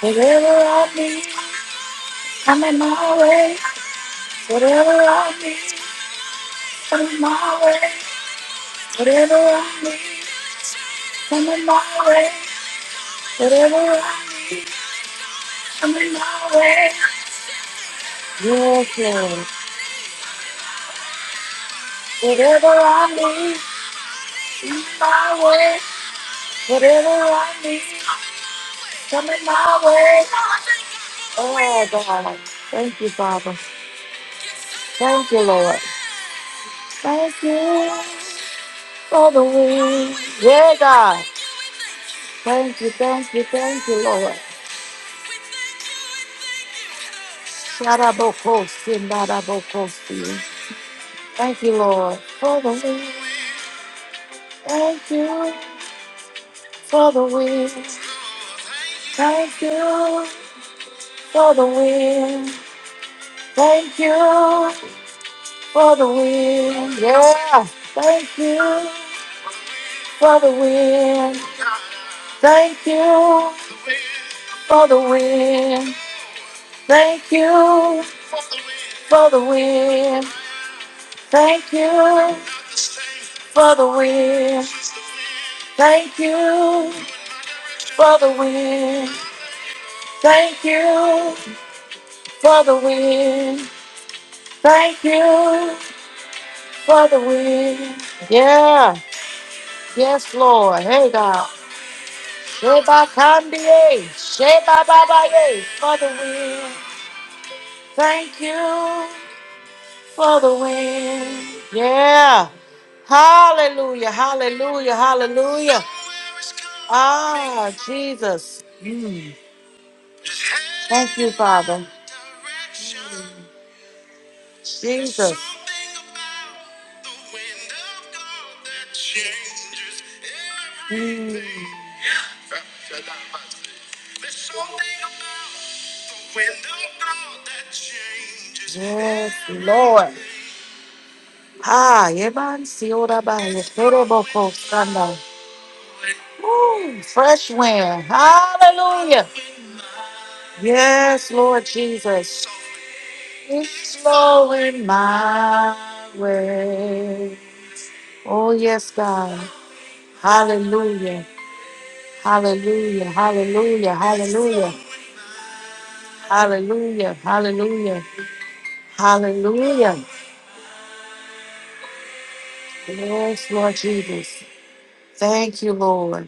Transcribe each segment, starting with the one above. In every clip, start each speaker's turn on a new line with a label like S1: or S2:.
S1: Whatever I need, I'm in my way. Whatever I need, I'm in my way. Whatever I need, I'm in my way. Whatever I need, I'm in my way. You're Lord. Whatever I need, in my way. Whatever I need, come in my way. Oh, God. Thank you, Father. Thank you, Lord. Thank you for the wind. Yeah, God. Thank you, thank you, thank you, Lord. Sharabokosi, narabokosi. Thank you, Lord, for the wind. Thank you for the wind. Thank you for the wind. Thank you for the wind. Yeah. Thank you for the wind. Thank you for the wind. Thank you for the wind. Thank you for the win. Thank you for the win. Thank you for the win. Thank you for the win. Yeah. Yes, Lord. Hey, God. Sheba Kandie. Sheba Babaye. For the win. Thank you for the win. Yeah. Hallelujah. Hallelujah. Hallelujah. Ah, Jesus. Mm. Thank you, Father. Jesus. Mm. Yes, Lord. Ah, Evan Siora Baye, Toroboko Sanda. Ooh, fresh wind. Hallelujah. Yes, Lord Jesus. It's flowing my way. Oh, yes, God. Hallelujah. Hallelujah. Hallelujah. Hallelujah. Hallelujah. Hallelujah. Hallelujah. Yes, Lord Jesus. Thank you, Lord.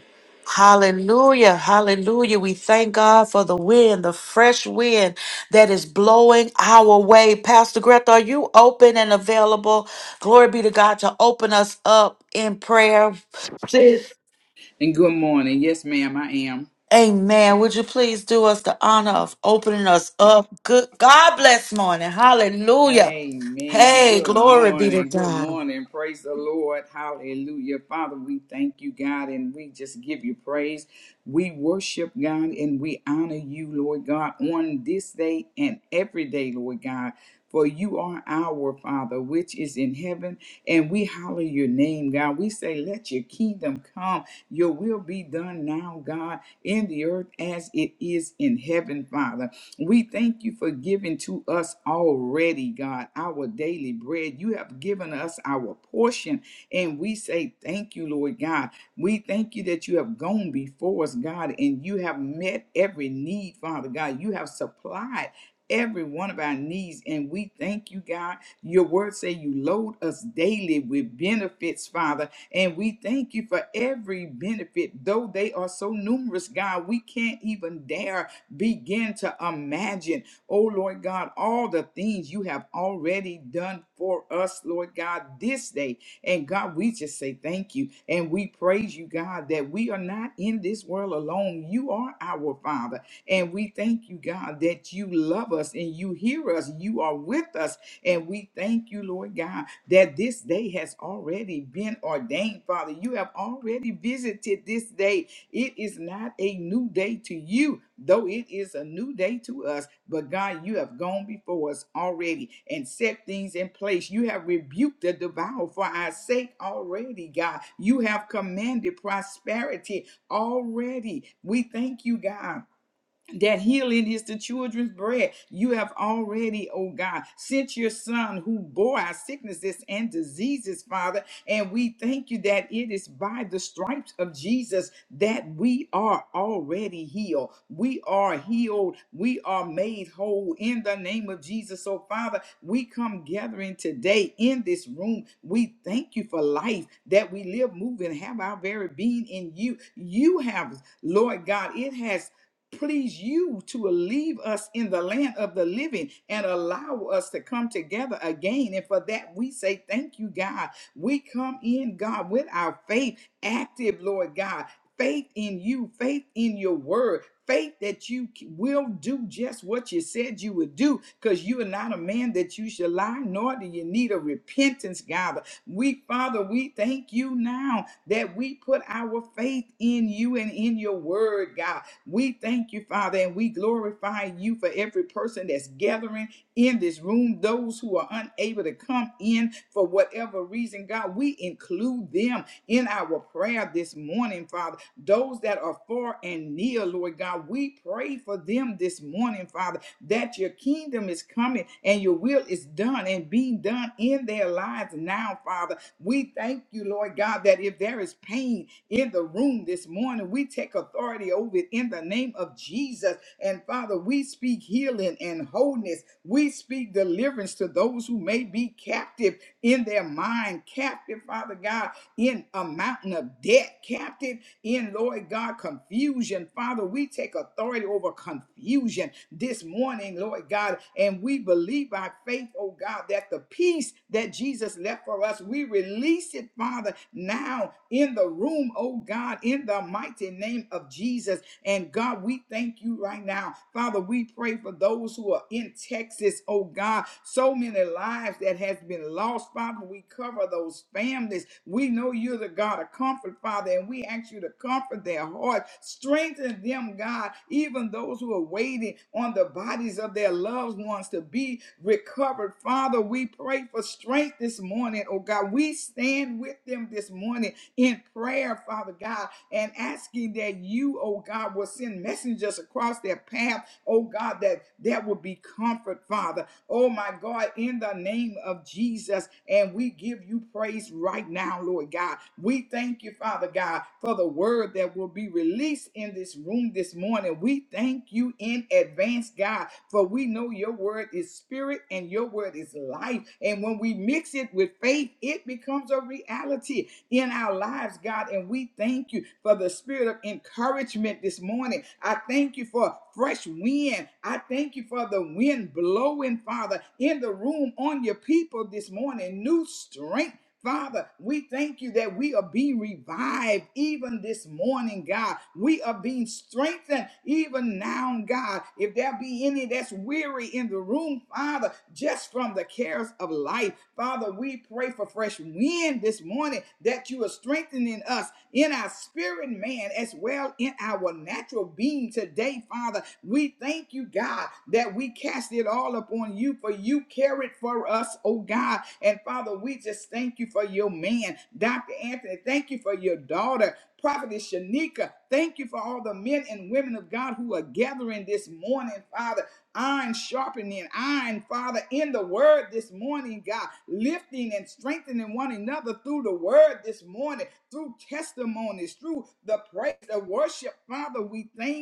S1: Hallelujah. Hallelujah. We thank God for the wind, the fresh wind that is blowing our way. Pastor Greta, are you open and available? Glory be to God to open us up in prayer.
S2: And good morning. Yes, ma'am, I am.
S1: Amen. Would you please do us the honor of opening us up? Good God bless morning. Hallelujah.
S2: Amen.
S1: Hey,
S2: Good
S1: glory be to
S2: morning. Good
S1: God.
S2: morning. Praise the Lord. Hallelujah. Father, we thank you, God, and we just give you praise. We worship God and we honor you, Lord God, on this day and every day, Lord God. For you are our Father, which is in heaven, and we holler your name, God. We say, Let your kingdom come, your will be done now, God, in the earth as it is in heaven, Father. We thank you for giving to us already, God, our daily bread. You have given us our portion, and we say thank you, Lord God. We thank you that you have gone before us, God, and you have met every need, Father God. You have supplied. Every one of our needs, and we thank you, God. Your word say you load us daily with benefits, Father, and we thank you for every benefit, though they are so numerous, God. We can't even dare Begin to imagine, oh Lord God, all the things you have already done for us, Lord God, this day. And God, we just say thank you and we praise you, God, that we are not in this world alone. You are our Father. And we thank you, God, that you love us and you hear us. You are with us. And we thank you, Lord God, that this day has already been ordained, Father. You have already visited this day it is not a new day to you, though it is a new day to us. But God, you have gone before us already and set things in place. You have rebuked the devourer for our sake already, God. You have commanded prosperity already. We thank you, God that healing is the children's bread. You have already, oh God, sent your son who bore our sicknesses and diseases, Father. And we thank you that it is by the stripes of Jesus that we are already healed. We are healed. We are made whole in the name of Jesus. So, Father, we come gathering today in this room. We thank you for life that we live, move, and have our very being in you. You have Lord God, it has please you to leave us in the land of the living and allow us to come together again. And for that, we say thank you, God. We come in, God, with our faith active, Lord God. Faith in you, faith in your word, faith that you c- will do just what you said you would do, because you are not a man that you shall lie, nor do you need a repentance, God. We, Father, we thank you now that we put our faith in you and in your word, God. We thank you, Father, and we glorify you for every person that's gathering in this room, those who are unable to come in for whatever reason, God. We include them in our prayer this morning, Father. Those that are far and near, Lord God, we pray for them this morning, Father that your kingdom is coming and your will is done and being done in their lives now, Father. We thank you, Lord God, that if there is pain in the room this morning, we take authority over it in the name of Jesus. And Father, we speak healing and wholeness. We speak deliverance to those who may be captive in their mind, captive, Father God, in a mountain of debt, captive in, Lord God, confusion. Father, we take authority over confusion this morning, Lord God, and we believe by faith, oh God, that the peace that Jesus left for us, we release it, Father, now in the room, oh God, in the mighty name of Jesus. And God, we thank you right now. Father, we pray for those who are in tech. Texas, oh God. So many lives that has been lost, Father. We cover those families. We know you're the God of comfort, Father, and we ask you to comfort their hearts, strengthen them, God, even those who are waiting on the bodies of their loved ones to be recovered. Father, we pray for strength this morning, oh God. We stand with them this morning in prayer, Father God, and asking that you, oh God, will send messengers across their path oh God, that there will be comfort, Father. Oh my God, in the name of Jesus. And we give you praise right now, Lord God. We thank you, Father God, for the word that will be released in this room this morning. We thank you in advance, God, for we know your word is spirit and your word is life. And when we mix it with faith, it becomes a reality in our lives, God. And we thank you for the spirit of encouragement this morning. I thank you for fresh wind. I thank you for the wind blowing, Father, in the room on your people this morning. New strength Father, we thank you that we are being revived even this morning, God. We are being strengthened even now, God. If there be any that's weary in the room, Father, just from the cares of life, Father, we pray for fresh wind this morning that you that you are strengthening us in our spirit man as well in our natural being today, Father. We thank you, God, that we cast it all upon you, for you care it for us, oh God. And Father, we just thank you for your man, Dr. Anthony. Thank you for your daughter. Prophetess Shanika, thank you for all the men and women of God who are gathering this morning, Father iron sharpening iron, Father, in the word this morning, God, lifting and strengthening one another through the word this morning, through testimonies, through the praise, the worship, Father. We thank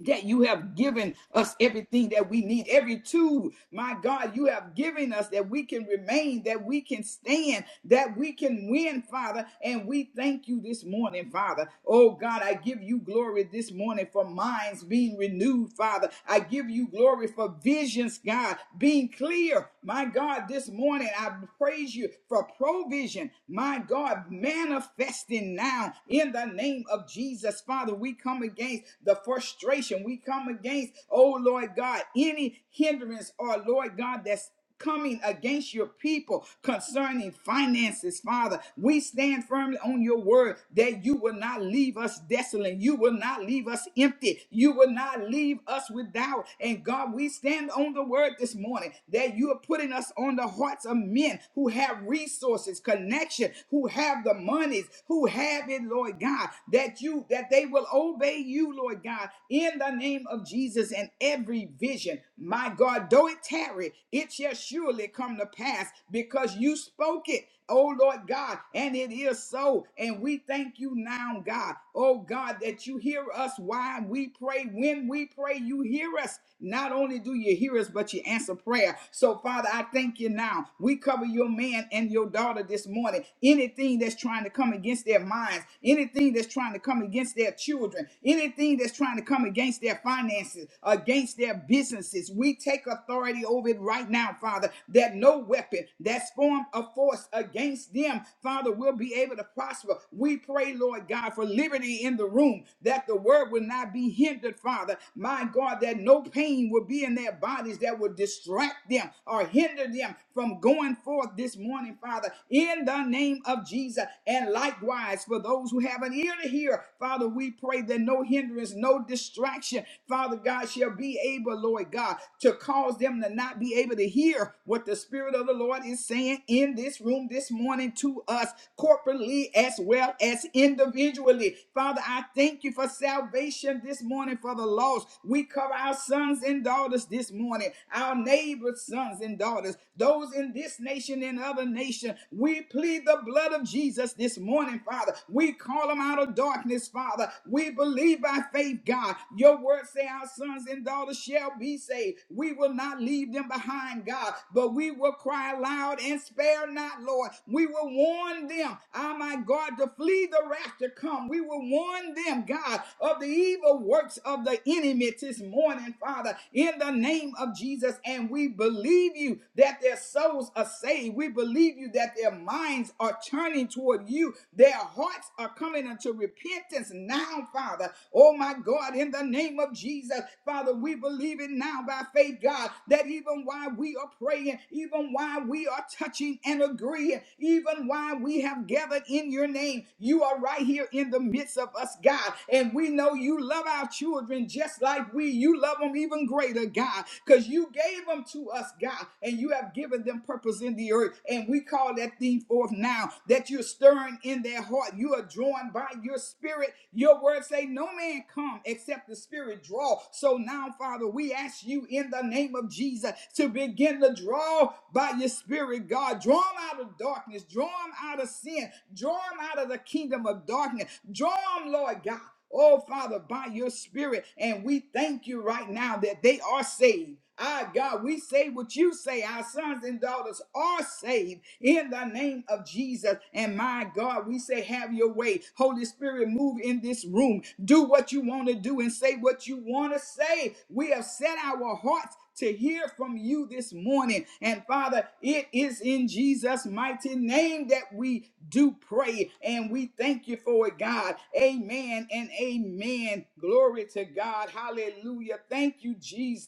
S2: that you have given us everything that we need, every tool, my God, you have given us that we can remain, that we can stand, that we can win, Father. And we thank you this morning, Father. Oh God, I give you glory this morning for minds being renewed, Father. I give you glory for visions, God, being clear. My God, this morning I praise you for provision, my God, manifesting now in the name of Jesus, Father. We come come against the frustration. We come against, oh Lord God, any hindrance or Lord God that's coming against your people concerning finances, Father. We stand firmly on your word that you will not leave us desolate. You will not leave us empty. You will not leave us without. And God, we stand on the word this morning that you are putting us on the hearts of men who have resources, connection, who have the monies, who have it, Lord God, that that you that they will obey you, Lord God, in the name of Jesus and every vision. My God, though it tarry, it shall surely come to pass because you spoke it. Oh Lord God, and it is so. And we thank you now, God. Oh God, that you hear us while we pray. When we pray, you hear us. Not only do you hear us, but you answer prayer. So, Father, I thank you now. We cover your man and your daughter this morning. Anything that's trying to come against their mind, minds, anything that's trying to come against their children, anything that's trying to come against their finances, against their businesses. We take authority over it right now, Father, that no weapon that's formed of force against them, Father, will be able to prosper. We pray, Lord God, for liberty in the room, that the word will not be hindered, Father. My God, that no pain will be in their bodies that will distract them or hinder them from going forth this morning, Father, in the name of Jesus needs. And likewise, for those who have an ear to hear, Father, we pray that no hindrance, no distraction, Father God, shall be able, Lord God, to cause them to not be able to hear what the Spirit of the Lord is saying in this room this morning to us corporately as well as individually. Father, I thank you for salvation this morning for the lost. We cover our sons and daughters this morning, our neighbors' sons and daughters, those in this nation and other nation. We we plead the blood of Jesus this morning, Father. We call them out of darkness, Father. We believe by faith, God. Your word say our sons and daughters shall be saved. We will not leave them behind, God, but we will cry loud and spare not, Lord. We will warn them, ah, my God, to flee the wrath to come. We will warn them, God, of the evil works of the enemy this morning, Father, in the name of Jesus. And we believe you that their souls are saved today. We believe you that their minds are turning toward you, their hearts are coming unto repentance now, Father. Oh my God, in the name of Jesus, Father, we believe it now by faith, God, that even while we are praying, even while we are touching and agreeing, even while we have gathered in your name, you are right here in the midst of us, God. And we know you love our children just like we. You love them even greater, God, because you gave them to us, God, and you you have given them purpose in the earth. And we call that thing forth now that you're stirring in their heart. You are drawn by your spirit. Your words say, No man come except the spirit draw. So now, Father, we ask you in the name of Jesus to begin to draw by your spirit, God. Draw them out of darkness, draw them out of sin, draw them out of the kingdom of darkness, draw them, Lord God. Oh, Father, by your spirit. And we thank you right now that they are saved. Ah, God, we say what you say. Our sons and daughters are saved in the name of Jesus. And my God, we say, have your way. Holy Spirit, move in this room. Do what you want to do and say what you want to say. We have set our hearts to hear from you this morning. And Father, it is in Jesus' mighty name that we do pray. And we thank you for it, God. Amen and amen. Glory to God. Hallelujah. Thank you, Jesus.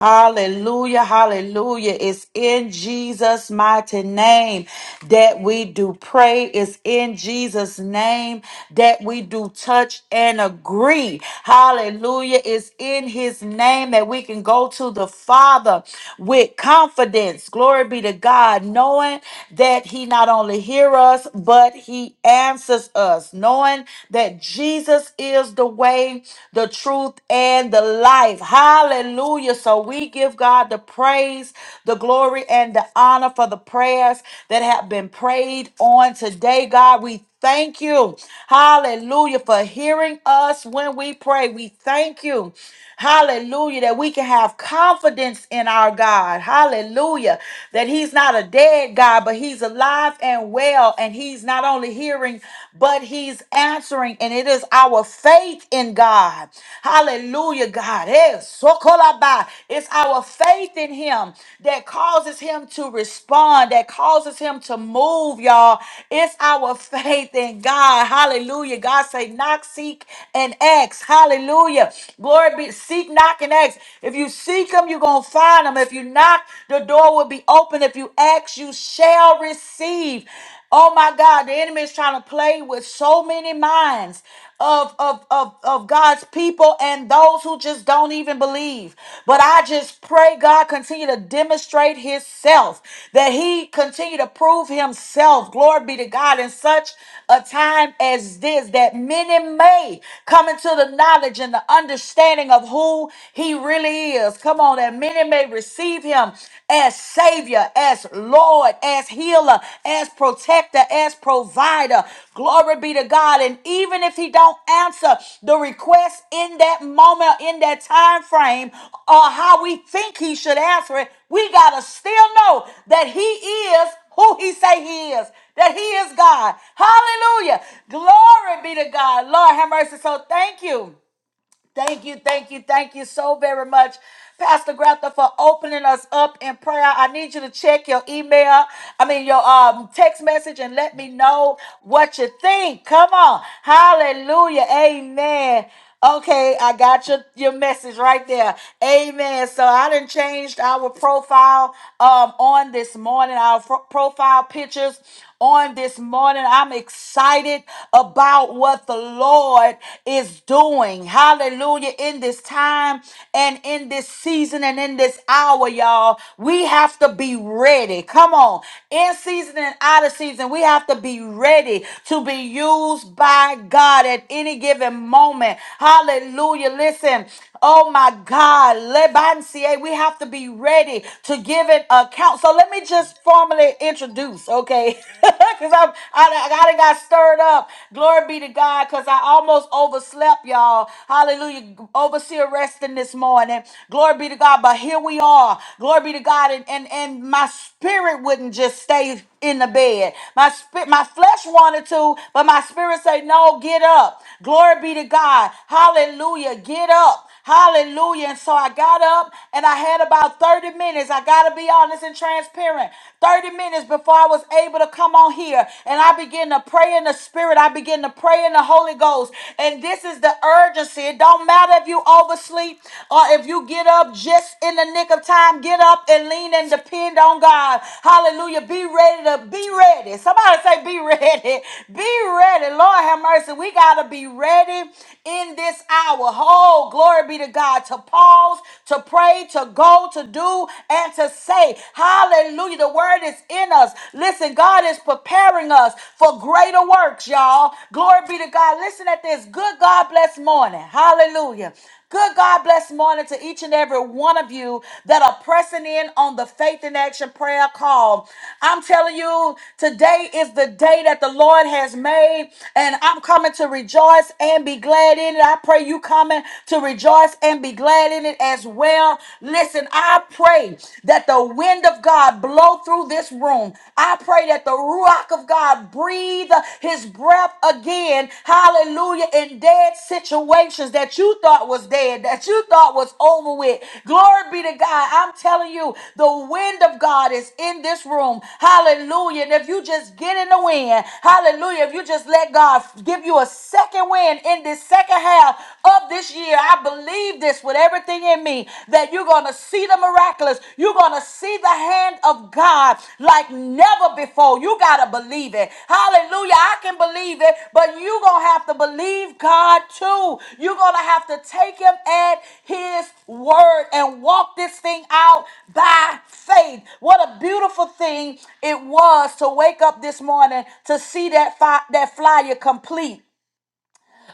S1: Hallelujah, hallelujah. It's in Jesus' mighty name that we do pray. It's in Jesus' name that we do touch and agree. Hallelujah. It's in his name that we can go to the Father with confidence. Glory be to God, knowing that he not only hears us, but he answers us, knowing that Jesus is the way way, the truth, and the life. Hallelujah. So we give God the praise, the glory, and the honor for the prayers that have been prayed on today. God, we thank you. Hallelujah. For hearing us when we pray. We thank you. Hallelujah. That we can have confidence in our God. Hallelujah. That He's not a dead God, but He's alive and well. And He's not only hearing answering, but He's answering, and it is our faith in God. Hallelujah, God. Eh, sokolaba. It's our faith in Him that causes Him to respond, that causes Him to move, y'all. It's our faith in God. Hallelujah. God say, knock, seek, and ask. Hallelujah. Glory be. Seek, knock, and ask. If you seek Him, you're going to find Him. If you knock, the door will be open. If you ask, you shall receive. Oh my God, the enemy is trying to play with so many minds of, of, of, of God's people and those who just don't even believe. But I just pray God continue to demonstrate himself, that he continue to prove himself. Glory be to God in such a time as this, that many may come into the knowledge and the understanding of who he really is. Come on, that many may receive receive him as Savior, as Lord, as healer, as protector, as provider. Glory be to God. And even if he don't answer the request in that moment, in that time frame, or how we think he should answer it, we gotta still know that he is who he say he is that he is god hallelujah glory be to god lord have mercy so thank you Thank you, thank you, thank you so very much, Pastor Grafton, for opening us up in prayer. I need you to check your email, I mean your um text message, and let me know what you think. Come on, Hallelujah, Amen. Okay, I got your, your message right there. Amen. So I done changed our profile um on this morning, our fro- profile pictures on this morning. I'm excited about what the Lord is doing. Hallelujah. In this time and in this season and in this hour, y'all, we have to be ready. Come on. In season and out of season, we have to be ready to be used by God at any given moment. Hallelujah. Listen, oh my God. Lebancie, we have to be ready to give an account. So let me just formally introduce, okay? Because I'm, I, I got it got stirred up. Glory be to God, because I almost overslept, y'all. Hallelujah. Overseer resting this morning. Glory be to God. But here we are. Glory be to God. And and, and my spirit wouldn't just stay in the bed. My spirit, my flesh wanted to, but my spirit said, No, get up. Glory be to God. Hallelujah. Get up. Hallelujah. And so I got up and I had about 30 minutes. I got to be honest and transparent. 30 minutes before I was able to come on here. And I began to pray in the spirit. I began to pray in the Holy Ghost. And this is the urgency. It don't matter if you oversleep or if you get up just in the nick of time. Get up and lean and depend on God. Hallelujah. Be ready to be ready. Somebody say, be ready. Be ready. Lord have mercy. We got to be ready in this hour whole, glory be to God, to pause, to pray, to go, to do, and to say. Hallelujah. The word is in us. Listen, God is preparing us for greater works, y'all. Glory be to God. Listen at this. Good God bless morning. Hallelujah. Good God bless morning to each and every one of you that are pressing in on the Faith in Action prayer call. I'm telling you, today is the day that the Lord has made, and I'm coming to rejoice and be glad in it. I pray you coming to rejoice and be glad in it as well. Listen, I pray that the wind of God blow through this room. I pray that the ruach of God God breathe his breath again, hallelujah, in dead situations that you thought was dead, that you thought was over with. Glory be to God. I'm telling you, the wind of God is in this room, hallelujah. And if you just get in the wind, hallelujah, if you just let God give you a second wind in this second half of this year, I believe this with everything in me that you're going to to see the miraculous. You're going to see the hand of God like never before. You got to believe it. Hallelujah. I can believe it, but you're going to have to believe God too. You're going to have to take him at his word and walk this thing out by faith. What a beautiful thing it was to wake up this morning to see that, fi- that flyer complete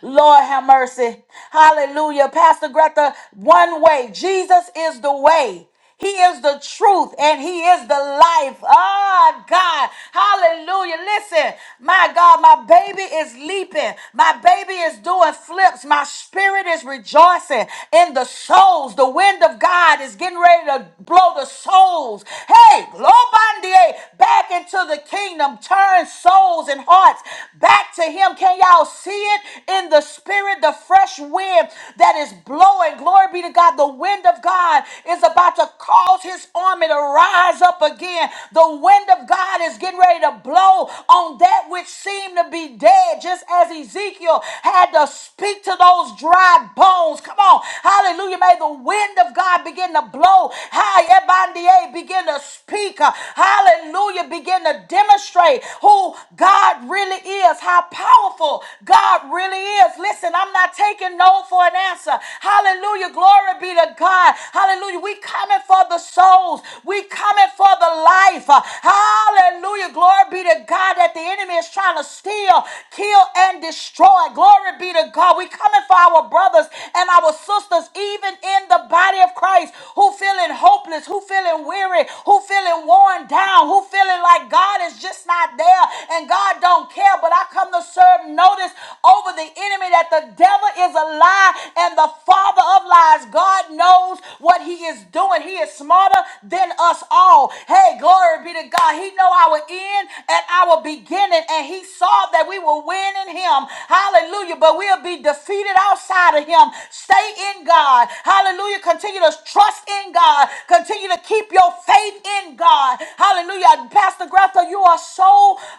S1: Lord have mercy. Hallelujah. Pastor Greta, one way. Jesus is the way. He is the truth and he is the life. Ah, God. Hallelujah. Listen, my God, my baby is leaping. My baby is doing flips. My spirit is rejoicing in the souls. The wind of God is getting ready to blow the souls. Hey, Globandier, back into the kingdom. Turn souls and hearts back to to him. Can y'all see it in the spirit? The fresh wind that is blowing. Glory be to God. The wind of God is about to cause his army to rise up again. The wind of God is getting ready to blow on that which seemed to be dead, just as Ezekiel had to speak to those dry bones. Come on. Hallelujah. May the wind of God begin to blow. Hi, Ebandier, begin to speak. Hallelujah. Begin to demonstrate who who God really is, how powerful God really is. Listen, I'm not taking no for an answer. Hallelujah. Glory be to God. Hallelujah. We coming for the souls. We coming for the life. Hallelujah. Glory be to God that the enemy is trying to steal, kill, and destroy. Glory be to God. We coming for our brothers and our sisters, even in the body of Christ, who feeling hopeless, who feeling weary, who feeling worn down, who feeling feeling like God is just not there and God don't care. But I come to serve notice over the enemy that the devil is a lie and the father of lies. God knows what he is doing. He is smarter than us all. Hey, glory be to God. He know our end and our beginning and he saw that we will win in him. Hallelujah. But we'll be defeated outside of him. Stay in God. Hallelujah. Continue to trust in God. Continue to keep your faith faith in God. Hallelujah. Pastor Greta, you are so,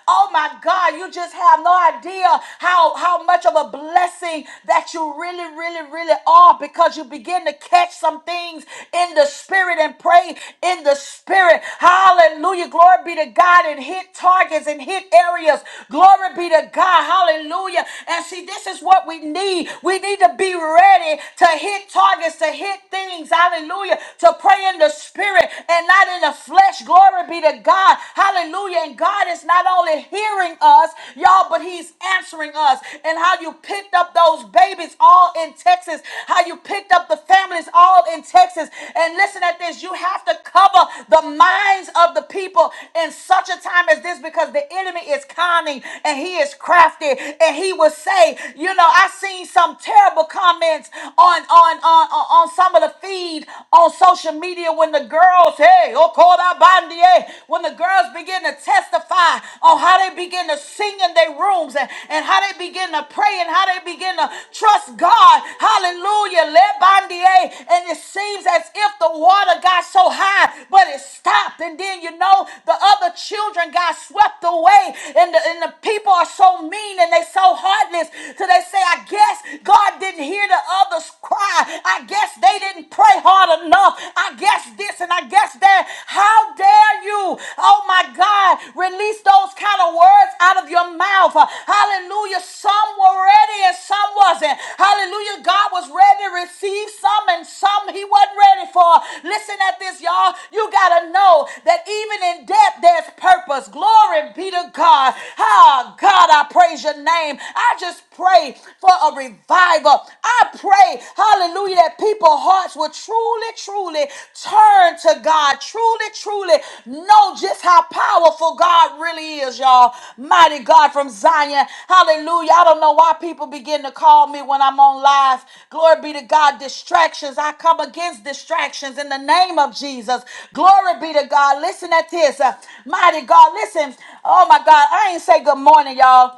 S1: oh my God, you just have no idea how, how much of a blessing that you really, really, really are because you begin to catch some things in the spirit and pray in the spirit. Hallelujah. Glory be to God and hit targets and hit areas. Glory be to God. Hallelujah. And see, this is what we need. We need to be ready to hit targets, to hit things. Hallelujah. To so pray in the spirit and not in the flesh. Glory be to God. Hallelujah. And God is not only hearing us, y'all, but He's answering us. And how you picked up those babies all in Texas, how you picked up the families all in Texas. And listen at this you have to cover the minds of the people in such a time as this because the enemy is cunning and he is crafty. And he will say, You know, I seen some terrible comments on, on, on, on on some of the feed on social media when the girls, hey, oh, call out bandier, when the girls begin to testify on how they begin to sing in their rooms and, and how they begin to pray and how they begin to trust God. Hallelujah. let bandier, And it seems as if the water got so high, but it stopped. And then you know the other children got swept away. And the, and the people are so mean and they so heartless. So they say, I guess God didn't hear hear the others cry. I guess they didn't pray hard enough. I guess this and I guess that. How dare you? Oh my God, release those kind of words out of your mouth. Hallelujah. Some were ready and some wasn't. Hallelujah. God was ready to receive some and some he wasn't ready for. Listen at this, y'all. You got to know that even in death, there's purpose. Glory be to God. Ah, God, I praise your name. I just pray pray for a revival. I pray, hallelujah, that people's hearts will truly, truly turn to God, truly, truly know just how powerful God really is, y'all. Mighty God from Zion, hallelujah. I don't know why people begin to call me when I'm on live. Glory be to God, distractions. I come against distractions in the name of Jesus. Glory be to God. Listen at this, uh, mighty God. Listen, oh my God, I ain't say good morning, y'all.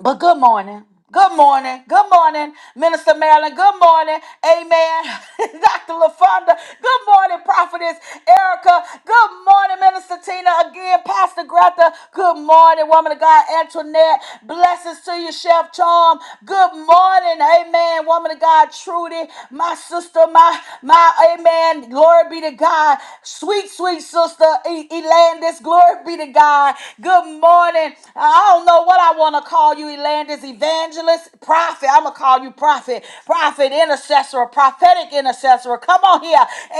S1: But good morning. Good morning. Good morning, Minister Marilyn. Good morning. Amen. Dr. LaFonda. Good morning, Prophetess Erica. Good morning, Minister Tina. Again, Pastor Greta. Good morning, woman of God, Antoinette. Blessings to you, Chef Charm. Good morning. Amen. Woman of God, Trudy. My sister, my, my, amen. Glory be to God. Sweet sweet, sweet sister E- Elandis. Glory be to God. Good morning. I don't know what I want to call you, Elandis, evangelist, prophet. I'm going to call you prophet, prophet, intercessor, prophetic intercessor. Come on here.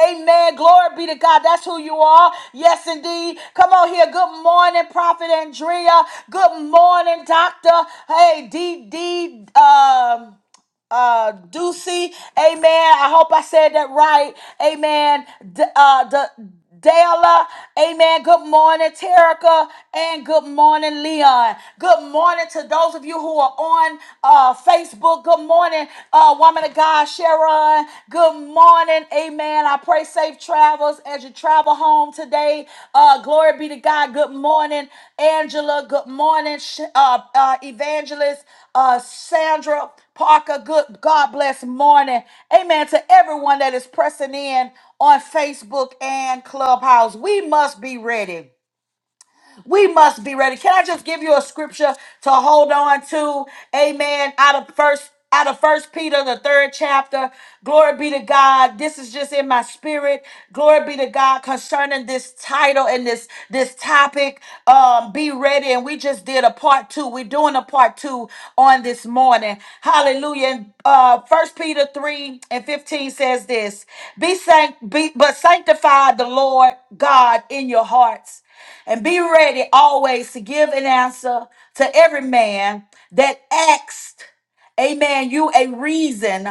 S1: Amen. Glory be to God. That's who you are. Yes, indeed. Come on here. Good morning, Prophet Andrea. Good morning, Doctor. Hey, D D. Um, uh Ducey. Amen. I hope I said that right. Amen. D- uh the Dela, amen. Good morning, Terica, and good morning, Leon. Good morning to those of you who are on uh, Facebook. Good morning, uh, woman of God, Sharon. Good morning, amen. Amen. I pray safe travels as you travel home today. Uh, glory be to God. Good morning, Angela. Good morning, Sh- uh, uh, Evangelist uh, Sandra Parker. Good God bless morning. Amen. To everyone that is pressing in on Facebook and Clubhouse, we must be ready. We must be ready. Can I just give you a scripture to hold on to? Amen. Out of first out of first peter the third chapter glory be to god this is just in my spirit glory be to god concerning this title and this this topic um be ready and we just did a part two we're doing a part two on this morning hallelujah and uh first peter 3 and 15 says this be sanct be but sanctify the lord god in your hearts and be ready always to give an answer to every man that asked, amen, you a reason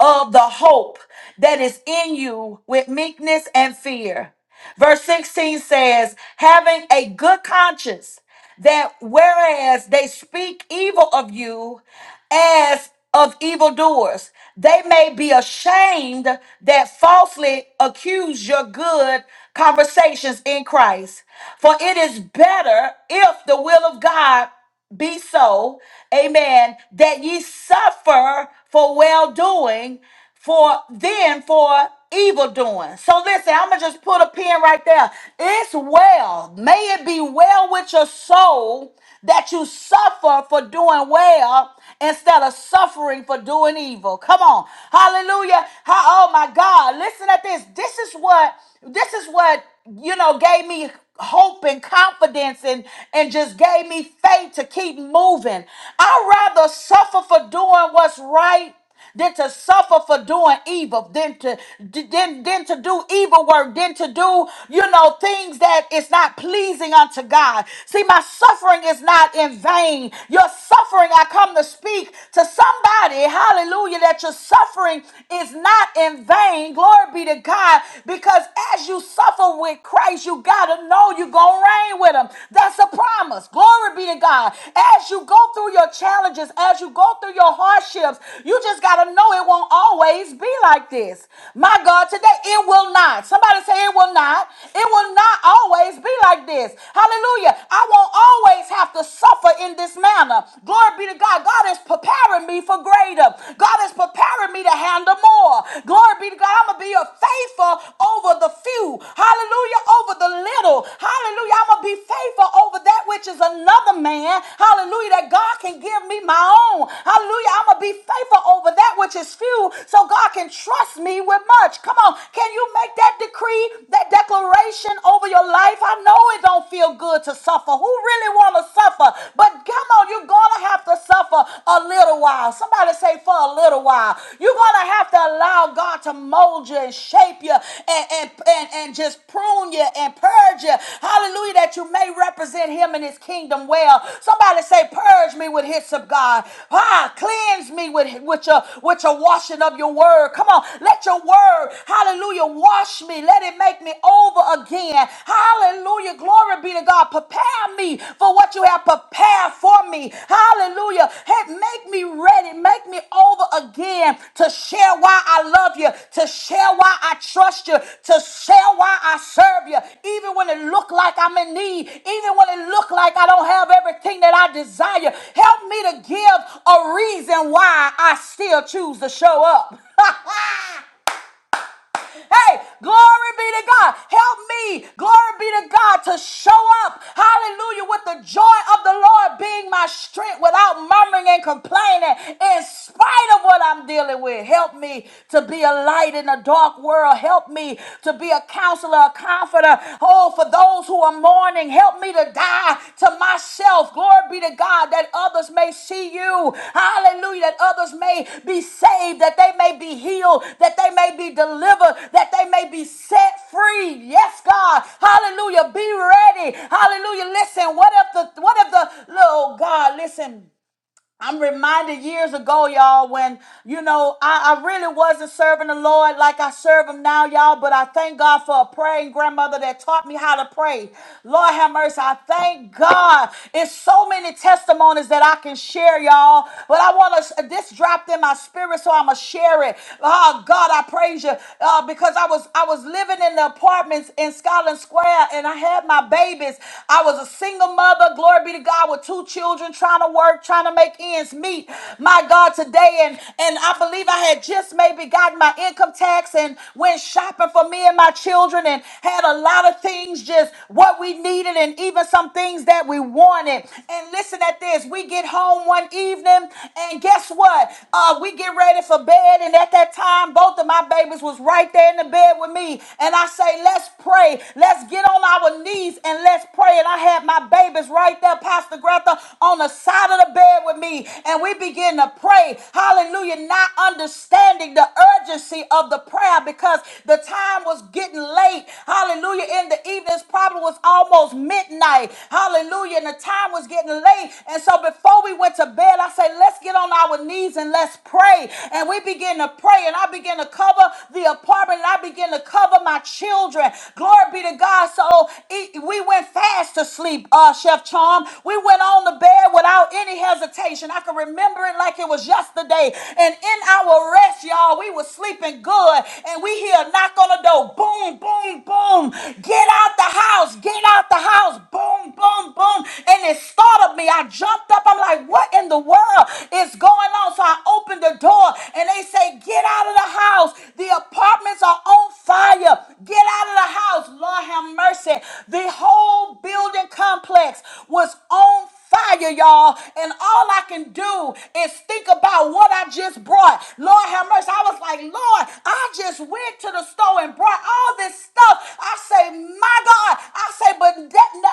S1: of the hope that is in you with meekness and fear. Verse 16 says, having a good conscience, that whereas they speak evil of you, as of evildoers. They may be ashamed that falsely accuse your good conversations in Christ. For it is better if the will of God be so, amen, that ye suffer for well doing, for then for evil doing. So listen, I'm gonna just put a pin right there. It's well, may it be well with your soul that you suffer for doing well instead of suffering for doing evil. Come on, hallelujah. Ha- Oh my God, listen at this. This is what this is what you know gave me hope and confidence and, and just gave me faith to keep moving. I'd rather suffer for doing what's right than to suffer for doing evil, than to than, than to do evil work, than to do, you know, things that is not pleasing unto God. See, my suffering is not in vain. Your suffering, I come to speak to somebody, hallelujah, that your suffering is not in vain. Glory. Glory be to God. Because as you suffer with Christ, you got to know you're going to reign with him. That's a promise. Glory be to God. As you go through your challenges, as you go through your hardships, you just got to know it won't always be like this. My God, today it will not. Somebody say it will not. It will not always be like this. Hallelujah. I won't always have to suffer in this manner. Glory be to God. God is preparing me for greater. God is preparing me to handle more. Glory be to God. I'm going to be a faithful over the few. Hallelujah. Over the little. Hallelujah. I'm going to be faithful over that which is another man. Hallelujah. That God can give me my own. Hallelujah. I'm going to be faithful over that which is few so God can trust me with much. Come on. Can you make that decree, that declaration over your life? I know it don't feel good to suffer. Who really want to suffer. But come on, you're gonna have to suffer a little while. Somebody say for a little while. You're gonna have to allow God to mold you and shape you and, and, and, and just prune you and purge you. Hallelujah, that you may represent him and his kingdom well. Somebody say, purge me with his of God. Ah, cleanse me with, with your with your washing of your word. Come on, let your word, hallelujah, wash me. Let it make me over again again. Hallelujah. Glory be to God. Prepare me for what you have prepared for me. Hallelujah. Hey, make me ready. Make me over again to share why I love you, to share why I trust you, to share why I serve you. Even when it look like I'm in need, even when it look like I don't have everything that I desire, help me to give a reason why I still choose to show up. Hey, glory be to God. Help me, glory be to God, to show up, hallelujah, with the joy of the Lord being my strength without murmuring and complaining in spite of what I'm dealing with. Help me to be a light in a dark world. Help me to be a counselor, a comforter, oh, for those who are mourning morning. Help me to die to myself. Glory be to God that others may see you. Hallelujah. That others may be saved, that they may be healed, that they may be delivered, that they may be set free. Yes, God. Hallelujah. Be ready. Hallelujah. Listen, what if the what if the Oh God, listen. I'm reminded years ago, y'all, when, you know, I, I really wasn't serving the Lord like I serve Him now, y'all, but I thank God for a praying grandmother that taught me how to pray. Lord have mercy. I thank God. It's so many testimonies that I can share, y'all, but I want to, this dropped in my spirit, so I'm going to share it. Oh, God, I praise you uh, because I was, I was living in the apartments in Scotland Square and I had my babies. I was a single mother, glory be to God. God, with two children trying to work, trying to make ends meet. My God, today, and, and I believe I had just maybe gotten my income tax and went shopping for me and my children and had a lot of things just what we needed and even some things that we wanted. And listen at this we get home one evening, and guess what? Uh, we get ready for bed. And at that time, both of my babies was right there in the bed with me. And I say, let's pray, let's get on our knees, and let's let's pray. And I had my babies right there, Pastor Greta, on the side of the bed with me. And we begin to pray. Hallelujah. Not understanding the urgency of the prayer because the time was getting late. Hallelujah. In the evenings, probably was almost midnight. Hallelujah. And the time was getting late. And so before we went to bed, I said, let's get on our knees and let's pray. And we begin to pray. And I begin to cover the apartment and I begin to cover my children Glory be to God. So it- we went fast to sleep, uh, Chef Charm. We went on the bed without any hesitation. I can remember it like it was yesterday. And in our rest, y'all, we were sleeping good. And we hear a knock on the door. Boom, boom, boom. Get out the house. Get out the house. Boom, boom, boom. And it startled me. I jumped up. I'm like, what in the world is going on? So I opened the door and they say, get out of the house. The apartment Apartments are on fire. Get out of the house. Lord have mercy. The whole building complex was on fire, y'all. And all I can do is think about what I just brought. Lord have mercy. I was like, Lord, I just went to the store and brought all this stuff. I say, my God. I say, but that, no,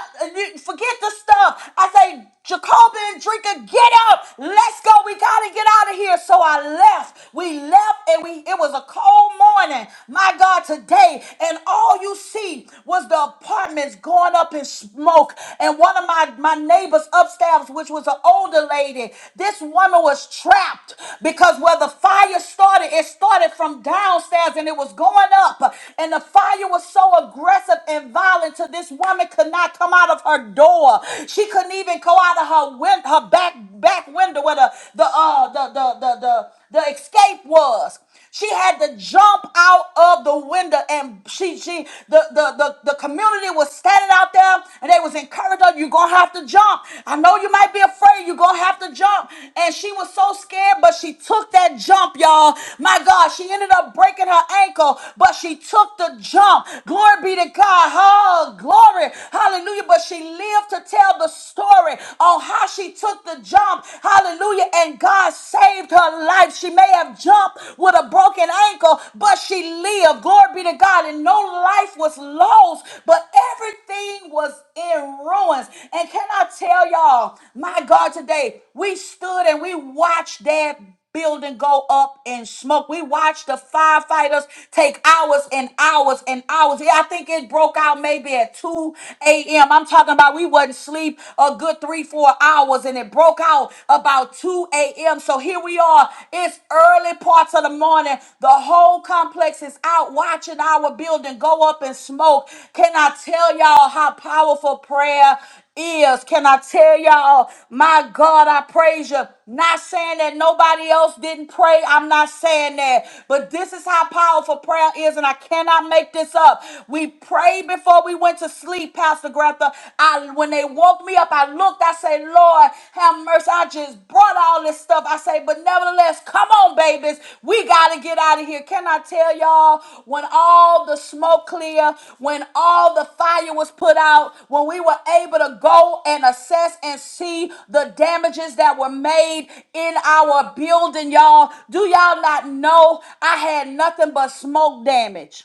S1: forget the stuff. I say, Jacob and Drinker, get up. Let's go. We got to get out of here. So I left. We we left and we it was a cold morning, my God, today, and all you see was the apartments going up in smoke. And one of my, my neighbors upstairs, which was an older lady, this woman was trapped because where the fire started, it started from downstairs and it was going up. And the fire was so aggressive and violent to this woman could not come out of her door. She couldn't even go out of her win- her back back window where the the uh the the the the the escape was. She had to jump out of the window and she she the the the, the community was standing out there and they was encouraging her, you're gonna have to jump. I know you might be afraid, you're gonna have to jump. And she was so scared, but she took that jump, y'all. My God, she ended up breaking her ankle, but she took the jump. Glory be to God. Oh, glory. Hallelujah. But she lived to tell the story on how she took the jump Hallelujah. And God saved her life. She may have jumped with a broken ankle, but she lived. Glory be to God. And no life was lost, but everything was in ruins. And can I tell y'all, my God, today we stood and we watched that building go up in smoke. We watched the firefighters take hours and hours and hours. Yeah, I think it broke out maybe at 2 a.m. I'm talking about we wasn't sleep a good three, four hours and it broke out about 2 a.m. So here we are. It's early parts of the morning. The whole complex is out watching our building go up in smoke. Can I tell y'all how powerful prayer is. Can I tell y'all, my God, I praise you. Not saying that nobody else didn't pray. I'm not saying that. But this is how powerful prayer is, and I cannot make this up. We prayed before we went to sleep, Pastor Greta. I when they woke me up, I looked, I said, Lord, have mercy. I just brought all this stuff. I say, but but nevertheless, come on, babies. We got to get out of here. Can I tell y'all, when all the smoke cleared, when all the fire was put out, when we were able to go and assess and see the damages that were made in our building, y'all, do y'all not know I had nothing but smoke damage?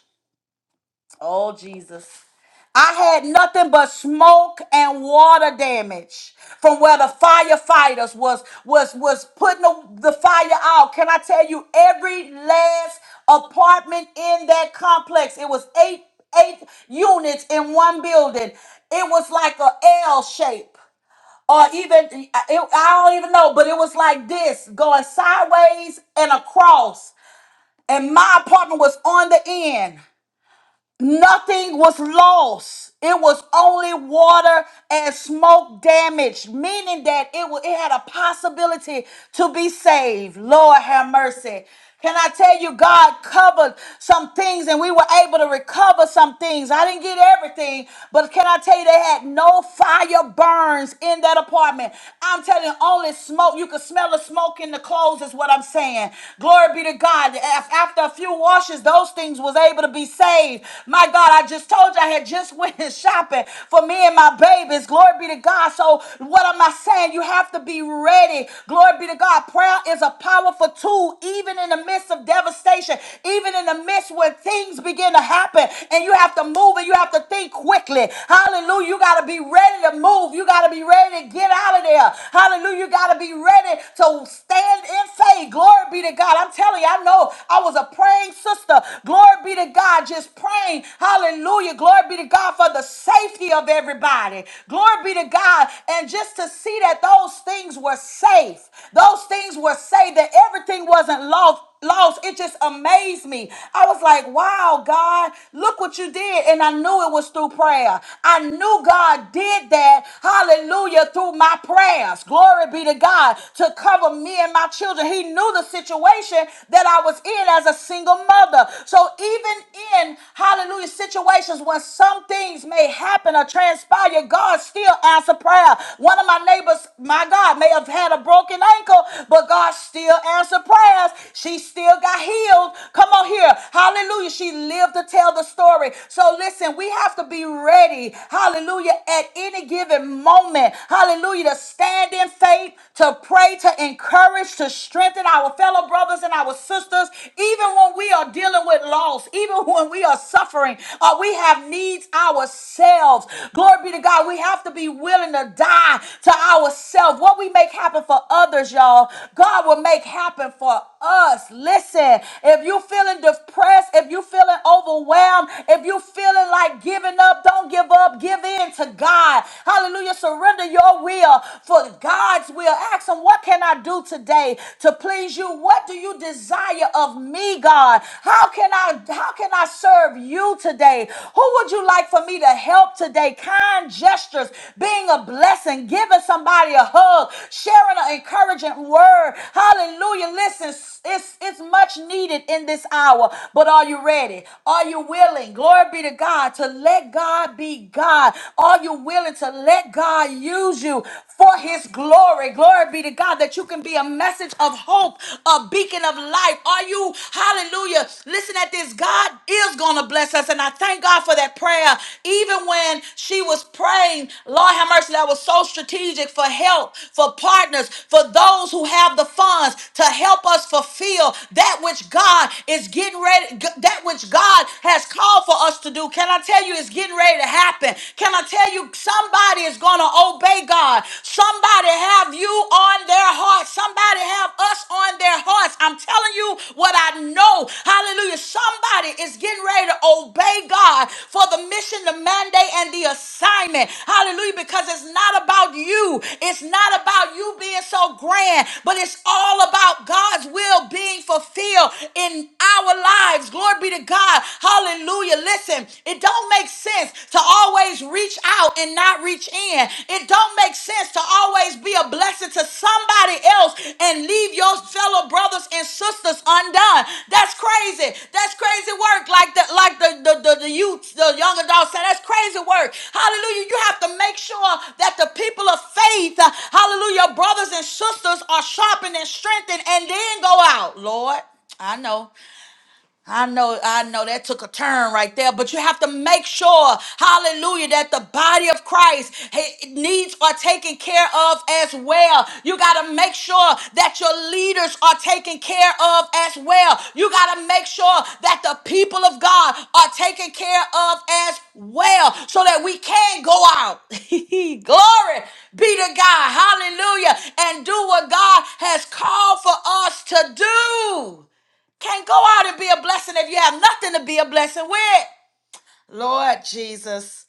S1: Oh, Jesus. I had nothing but smoke and water damage from where the firefighters was was was putting the, the fire out. Can I tell you every last apartment in that complex? It was eight eight units in one building. It was like a L shape or even it, I don't even know, but it was like this going sideways and across. And my apartment was on the end. Nothing was lost. It was only water and smoke damage, meaning that it, wa- it had a possibility to be saved. Lord have mercy. Can I tell you, God covered some things and we were able to recover some things. I didn't get everything, but can I tell you, they had no fire burns in that apartment. I'm telling you, only smoke. You could smell the smoke in the clothes, is what I'm saying. Glory be to God. Af- After a few washes, those things was able to be saved. My God, I just told you I had just went shopping for me and my babies. Glory be to God. So what am I saying? You have to be ready. Glory be to God. Prayer is a powerful tool, even in the midst of devastation, even in the midst when things begin to happen and you have to move and you have to think quickly. Hallelujah. You got to be ready to move. You got to be ready to get out of there. Hallelujah. You got to be ready to stand in faith. Glory be to God. I'm telling you glory. I know I was a praying sister. Glory be to God, just praying. Hallelujah. Glory be to God for the safety of everybody. Glory be to God. And just to see that those things were safe, those things were safe, that everything wasn't lost lost. It just amazed me. I was like, wow, God, look what you did. And I knew it was through prayer. I knew God did that, hallelujah, through my prayers. Glory be to God to cover me and my children. He knew the situation that I was in as a single mother. So even in hallelujah situations when some things may happen or transpire, God still answer prayer. One of my neighbors, my God, may have had a broken ankle, but God still answered prayers. She still got healed. Come on here. Hallelujah. She lived to tell the story. So listen, we have to be ready. Hallelujah. At any given moment. Hallelujah. To stand in faith faith, to pray, to encourage, to strengthen our fellow brothers and our sisters, even when we are dealing with loss, even when we are suffering, or we have needs ourselves. Glory be to God. We have to be willing to die to ourselves. What we make happen for others, y'all, God will make happen for us. Listen, if you're feeling depressed, if you're feeling overwhelmed, if you're feeling like giving up, don't give up. Give in to God. Hallelujah. Surrender under your will for God's will. Ask Him, what can I do today to please you? What do you desire of me, God? How can I how can I serve you today? Who would you like for me to help today? Kind gestures, being a blessing, giving somebody a hug, sharing an encouraging word. Hallelujah. Listen, it's it's it's much needed in this hour. But are you ready? Are you willing? Glory be to God to let God be God. Are you willing to let God use you for his glory? Glory be to God that you can be a message of hope, a beacon of life. Are you hallelujah? Listen at this. God is gonna bless us. And I thank God for that prayer. Even when she was praying praying, Lord have mercy, that was so strategic for help, for partners, for those who have the funds to help us fulfill that which God is getting ready, g- that which God has called for us to do. Can I tell you it's getting ready to happen? Can I tell you somebody is going to obey God? Somebody have you on their heart. Somebody have us on their hearts. I'm telling you what I know. Hallelujah. Somebody is getting ready to obey God for the mission, the mandate, and the assignment. Hallelujah. Because it's not about you, it's not about you being so grand, but it's all about God's will being fulfilled in our lives. Glory be to God. Hallelujah. Listen, it don't make sense to always reach out and not reach in reach in. It don't make sense to always be a blessing to somebody else and leave your fellow brothers and sisters undone. That's crazy. That's crazy work. Like the like the the the, the youth, the young adults say that's crazy work. Hallelujah. You have to make sure that the people of faith, uh, hallelujah, brothers and sisters are sharpened and strengthened and then go out, Lord. I know. I know, I know that took a turn right there, but you have to make sure, hallelujah, that the body of Christ eh, needs are taken care of as well. You got to make sure that your leaders are taken care of as well. You got to make sure that the people of God are taken care of as well so that we can go out. Glory be to God, hallelujah, and do what God has called for us to do. Can't go out and be a blessing if you have nothing to be a blessing with. Lord Jesus.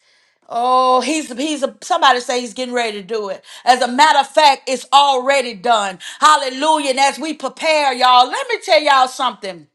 S1: Oh, he's he's a, somebody say he's getting ready to do it. As a matter of fact, it's already done. Hallelujah. And as we prepare, y'all, let me tell y'all something.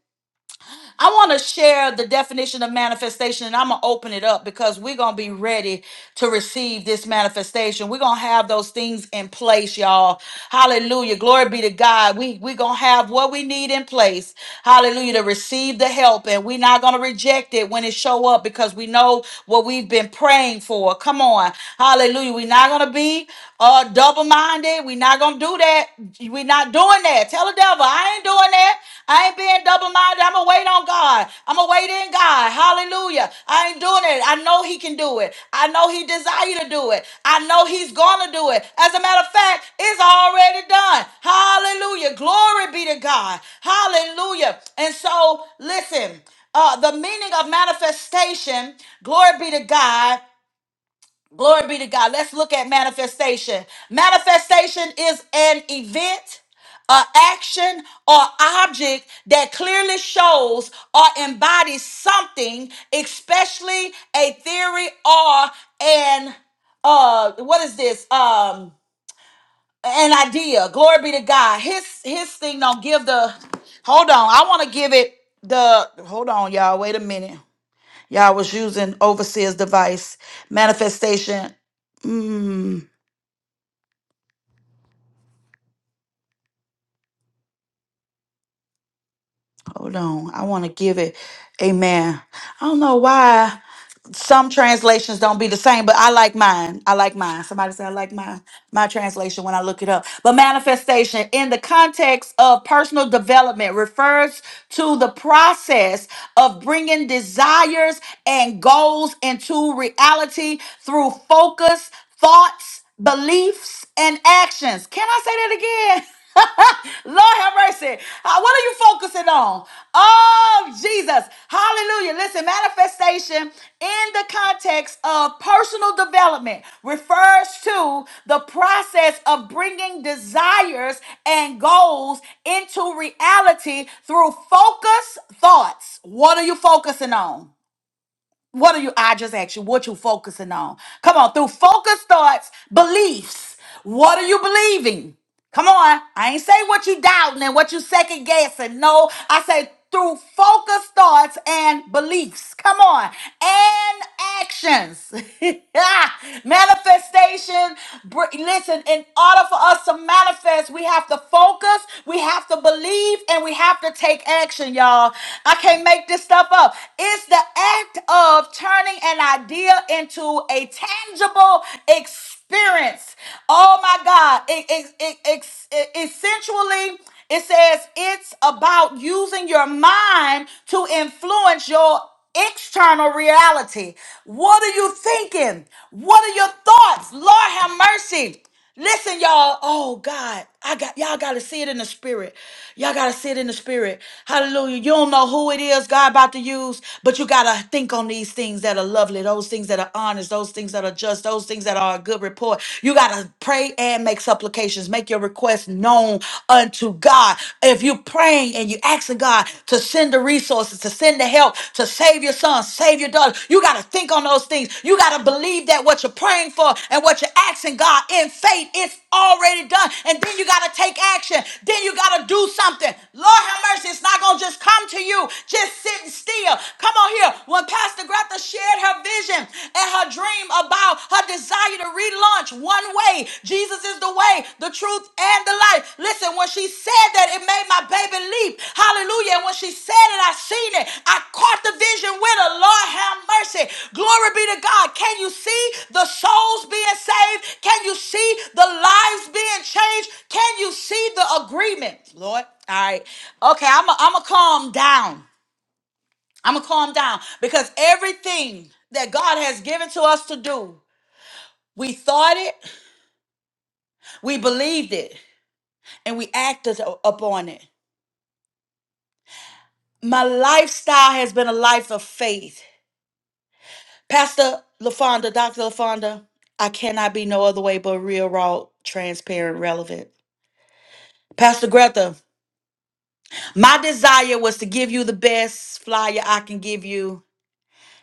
S1: I want to share the definition of manifestation and I'm going to open it up because we're going to be ready to receive this manifestation. We're going to have those things in place, y'all. Hallelujah. Glory be to God. We, we're going to have what we need in place. Hallelujah. To receive the help and we're not going to reject it when it show up because we know what we've been praying for. Come on. Hallelujah. We're not going to be uh, double-minded. We're not going to do that do that. We're not doing that. Tell the devil, I ain't doing that. I ain't being double minded. I'm going to wait on God. I'm going to wait in God. Hallelujah. I ain't doing it. I know He can do it. I know He desire to do it. I know He's going to do it. As a matter of fact, it's already done. Hallelujah. Glory be to God. Hallelujah. And so, listen, uh, the meaning of manifestation, glory be to God Glory be to God. Let's look at manifestation. Manifestation is an event, an action, or object that clearly shows or embodies something, especially a theory or an uh what is this? Um an idea. Glory be to God. His his thing don't give the hold on. I want to give it the hold on, y'all. Wait a minute. Y'all was using overseer's device manifestation. Mm. Hold on. I want to give it. Amen. I don't know why some translations don't be the same, but I like mine. I like mine. Somebody said I like my my translation when I look it up. But manifestation in the context of personal development refers to the process of bringing desires and goals into reality through focus, thoughts, beliefs, and actions. Can I say that again? Lord have mercy. Uh, What are you focusing on? Oh, Jesus. Hallelujah. Listen, manifestation in the context of personal development refers to the process of bringing desires and goals into reality through focus thoughts. What are you focusing on? What are you? I just asked you what you focusing on. Come on, through focus thoughts, beliefs. What are you believing? Come on, I ain't say what you doubting and what you second guessing. No, I say through focus thoughts and beliefs. Come on, and actions, manifestation. br- Listen, in order for us to manifest, we have to focus, we have to believe, and we have to take action, y'all. I can't make this stuff up. It's the act of turning an idea into a tangible experience. Oh my God. It, it, it, ex- it- essentially, it says it's about using your mind to influence your external reality. What are you thinking? What are your thoughts? Lord have mercy. Listen, y'all. Oh God, I got y'all. Got to see it in the spirit. Y'all got to see it in the spirit. Hallelujah. You don't know who it is God about to use, but you got to think on these things that are lovely, those things that are honest, those things that are just, those things that are a good report. You got to pray and make supplications, make your requests known unto God. If you praying and you asking God to send the resources resources to send the help to save your son, save your daughter. You got to think on those things. You got to believe that what you're praying for and what you're asking God in faith, it's already done. And then you got to take action. Then you got to do something. Lord have mercy. It's not going to just come to you just sitting still. Come on here. When Pastor Greta shared her vision and her dream about her desire to relaunch One Way way. Jesus is the way, the truth, and the life. Listen, when she said that, it made my baby leap. Hallelujah. And when she said it, I seen it. I caught the vision with her. Lord have mercy. Glory be to God. Can you see the souls being saved? Can you see the lives being changed? Can you see the agreement? Lord. All right. Okay, I'm going to calm down. I'm going to calm down because everything that God has given to us to do, we thought it, we believed it, and we acted upon it. My lifestyle has been a life of faith. Pastor LaFonda, Dr. LaFonda, I cannot be no other way but real, raw, transparent, relevant. Pastor Greta, my desire was to give you the best flyer I can give you.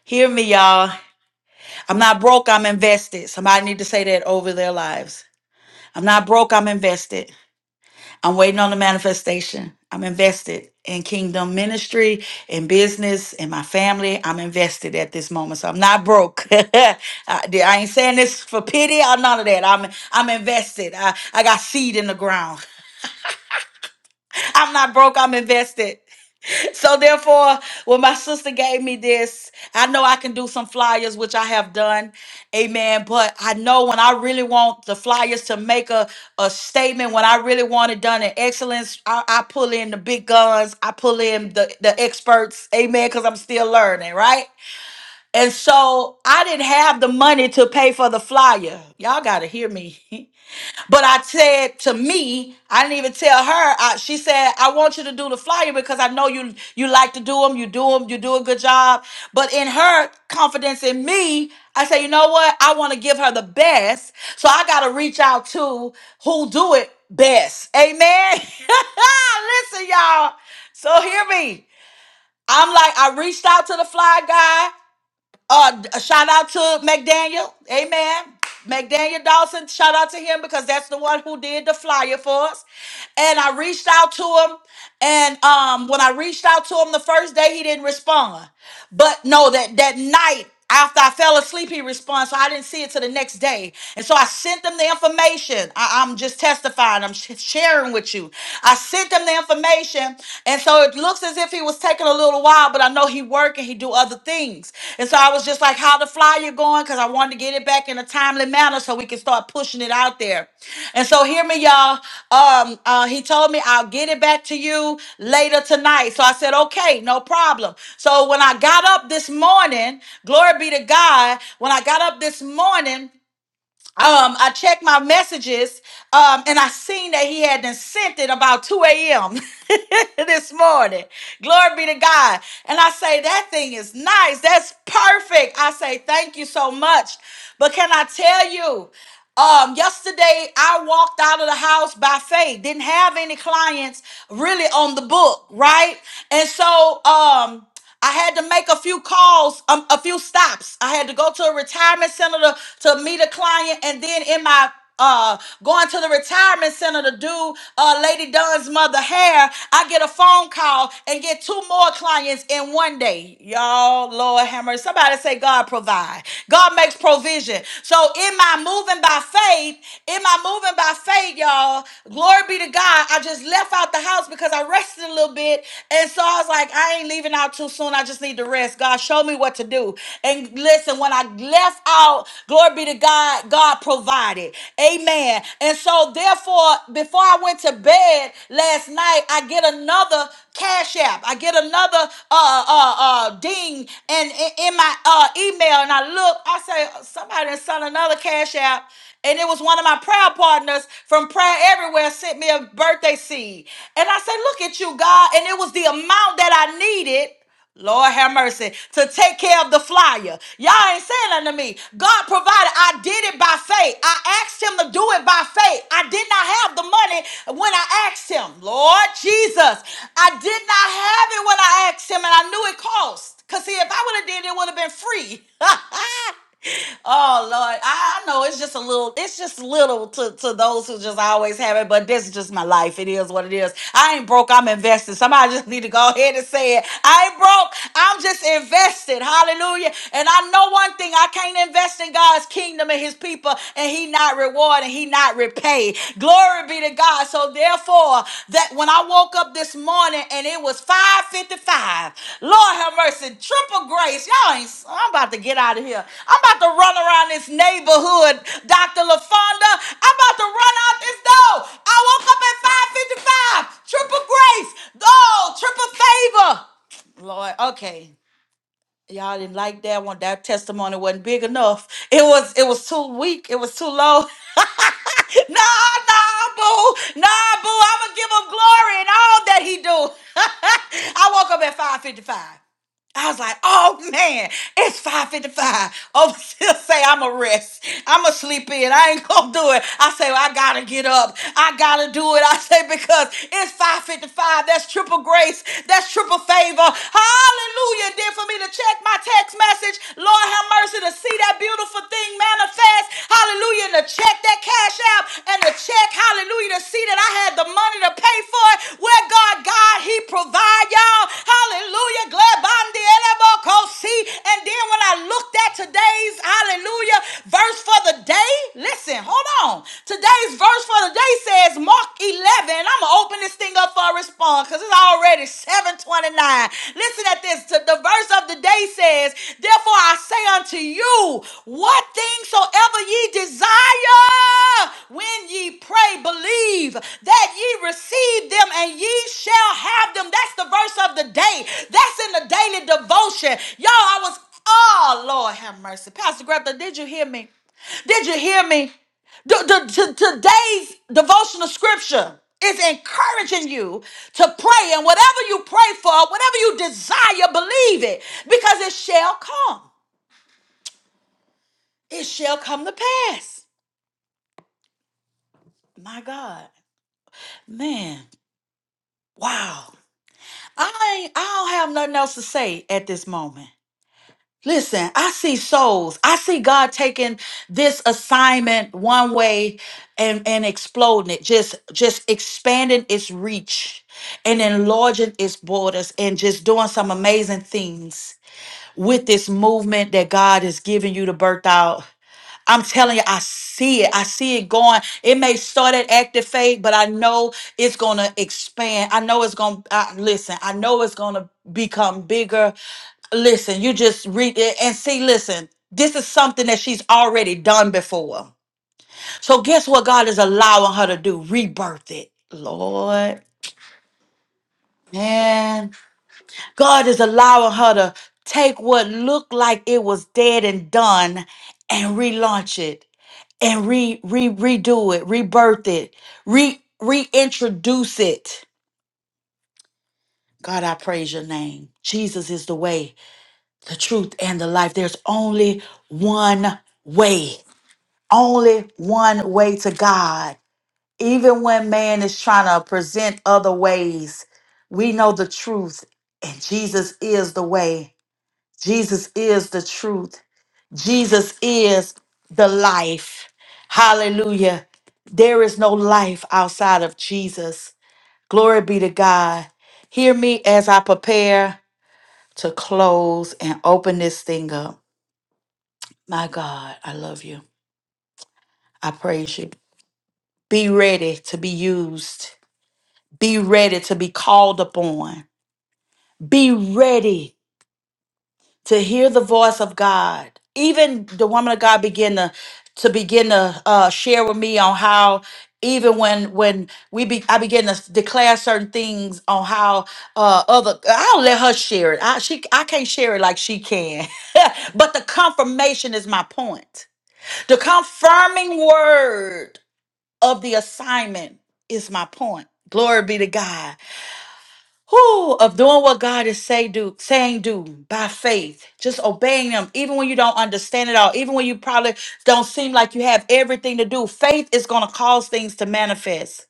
S1: Hear me, y'all. I'm not broke, I'm invested. Somebody need to say that over their lives. I'm not broke, I'm invested. I'm waiting on the manifestation. I'm invested in kingdom ministry, in business, in my family. I'm invested at this moment. So I'm not broke. I I ain't saying this for pity or none of that. I'm I'm invested. I, I got seed in the ground. I'm not broke. I'm invested. So therefore, when my sister gave me this, I know I can do some flyers, which I have done. Amen. But I know when I really want the flyers to make a, a statement, when I really want it done in excellence, I, I pull in the big guns. I pull in the, the experts. Amen. Because I'm still learning, right? And so I didn't have the money to pay for the flyer. Y'all got to hear me. But I said to me, I didn't even tell her. I, she said, "I want you to do the flyer because I know you you like to do them. You do them. You do a good job." But in her confidence in me, I said, "You know what? I want to give her the best. So I got to reach out to who do it best." Amen. Listen, y'all. So hear me. I'm like, I reached out to the fly guy. Uh, a shout out to McDaniel. Amen. McDaniel Dawson, shout out to him because that's the one who did the flyer for us. And I reached out to him. And um, when I reached out to him the first day, he didn't respond. But no, that that night after I fell asleep, he responds, so I didn't see it till the next day. And so I sent them the information. I, am just testifying, I'm sh- sharing with you. I sent them the information. And so it looks as if he was taking a little while, but I know he work and he do other things. And so I was just like, how the flyer going? on because I wanted to get it back in a timely manner so we can start pushing it out there. And so hear me, y'all. Um, uh, he told me I'll get it back to you later tonight. So I said, okay, no problem. So when I got up this morning, glory be to God, when I got up this morning, um, I checked my messages, um, and I seen that he had been sent it about 2 a.m. this morning. Glory be to God. And I say, that thing is nice. That's perfect. I say, thank you so much. But can I tell you, um, yesterday I walked out of the house by faith, didn't have any clients really on the book, right? And so, um, I had to make a few calls, um, a few stops. I had to go to a retirement center to, to meet a client, and then in my uh, going to the retirement center to do uh, Lady Dunn's mother hair, I get a phone call and get two more clients in one day. Y'all, Lord Hammer, somebody say God provide. God makes provision. So in my moving by faith, in my moving by faith, y'all, glory be to God. I just left out the house because I rested a little bit, and so I was like, I ain't leaving out out too soon. I just need to rest. God, show me what to do. And listen, when I left out, glory be to God, God provided. Amen. And so, therefore, before I went to bed last night, I get another cash app. I get another uh uh uh ding and in, in my uh email, and I look. I say somebody sent another cash app. And it was one of my prayer partners from Prayer Everywhere sent me a birthday seed. And I said, Look at you, God. And it was the amount that I needed Lord have mercy to take care of the flyer. Y'all ain't saying nothing to me. God provided. I did it by faith. I asked Him to do it by faith. I did not have the money when I asked Him, Lord Jesus. I did not have it when I asked Him, and I knew it cost. Cause see, if I would have did it, it would have been free. Oh Lord, I I know it's just a little, it's just little to, to those who just always have it, but this is just my life. It is what it is. I ain't broke, I'm invested. Somebody just need to go ahead and say it. I ain't broke, I'm just invested. Hallelujah. And I know one thing, I can't invest in God's kingdom and his people, and he not reward and he not repay. Glory Glory be to God. So therefore, that when I woke up this morning and it was 5:55, Lord have mercy, triple grace. Y'all ain't. I'm about to get out of here. I'm about to run around this neighborhood, Dr. LaFonda. I'm about to run out this door. I woke up at 5:55. Triple grace. Oh, triple favor. Lord, okay. Y'all didn't like that one. That testimony wasn't big enough. It was it was too weak. It was too low. no, no, boo. No, boo. I'ma give him glory and all that he do. I woke up at 555. I was like, oh man, it's 555. Oh, still say i am a rest. i am a sleep in. I ain't gonna do it. I say, well, I gotta get up. I gotta do it. I say, because it's 555. That's triple grace. That's triple favor. Hallelujah. Then for me to check my text message, Lord have mercy, to see that beautiful thing manifest. Hallelujah. And to check that cash app and to check, hallelujah, to see that I had the money to pay for it. Lord. where God, God, He provide y'all. Hallelujah. Glebandi elebokosi. And then when I looked at today's hallelujah verse for the day, listen, hold on. Today's verse for the day says Mark 11. I'm gonna open this thing up for a response because it's already 729. Listen at this. the verse of the day says, Therefore I say say unto you what things soever ye desire when ye pray, believe that ye receive them and ye shall have them. That's the verse of the day. That's in the daily devotion. Y'all, I was, oh, Lord have mercy. Pastor Greta, did you hear me? Did you hear me? The- the- to- today's devotional scripture is encouraging you to pray, and whatever you pray for, whatever you desire, believe it because it shall come it shall come to pass. My God, man, wow. I ain't, I don't have nothing else to say at this moment. Listen, I see souls. I see God taking this assignment one way and and exploding it, just just expanding its reach and enlarging its borders and just doing some amazing things with this movement that God is giving you to birth out. I'm telling you, I see it. I see it going. It may start at active faith, but I know it's gonna expand. I know it's gonna I, listen. I know it's gonna become bigger. Listen, you just read it and see. Listen, this is something that she's already done before. So guess what? God is allowing her to do rebirth it, Lord. Man, God is allowing her to take what looked like it was dead and done and relaunch it and re re redo it, rebirth it, re reintroduce it. God, I praise your name. Jesus is the way, the truth, and the life. There's only one way, only one way to God. Even when man is trying to present other ways, we know the truth, and Jesus is the way. Jesus is the truth. Jesus is the life. Hallelujah. There is no life outside of Jesus. Glory be to God. Hear me as I prepare to close and open this thing up. My God, I love you. I praise you. Be ready to be used. Be ready to be called upon. Be ready. to hear the voice of God. Even the woman of God began to to begin to uh, share with me on how even when when we be I began to declare certain things on how uh other I'll let her share it. I she I can't share it like she can. but the confirmation is my point. The confirming word of the assignment is my point. Glory be to God who of doing what God is say do saying do by faith, just obeying Him, even when you don't understand it all, even when you probably don't seem like you have everything to do. Faith is going to cause things to manifest.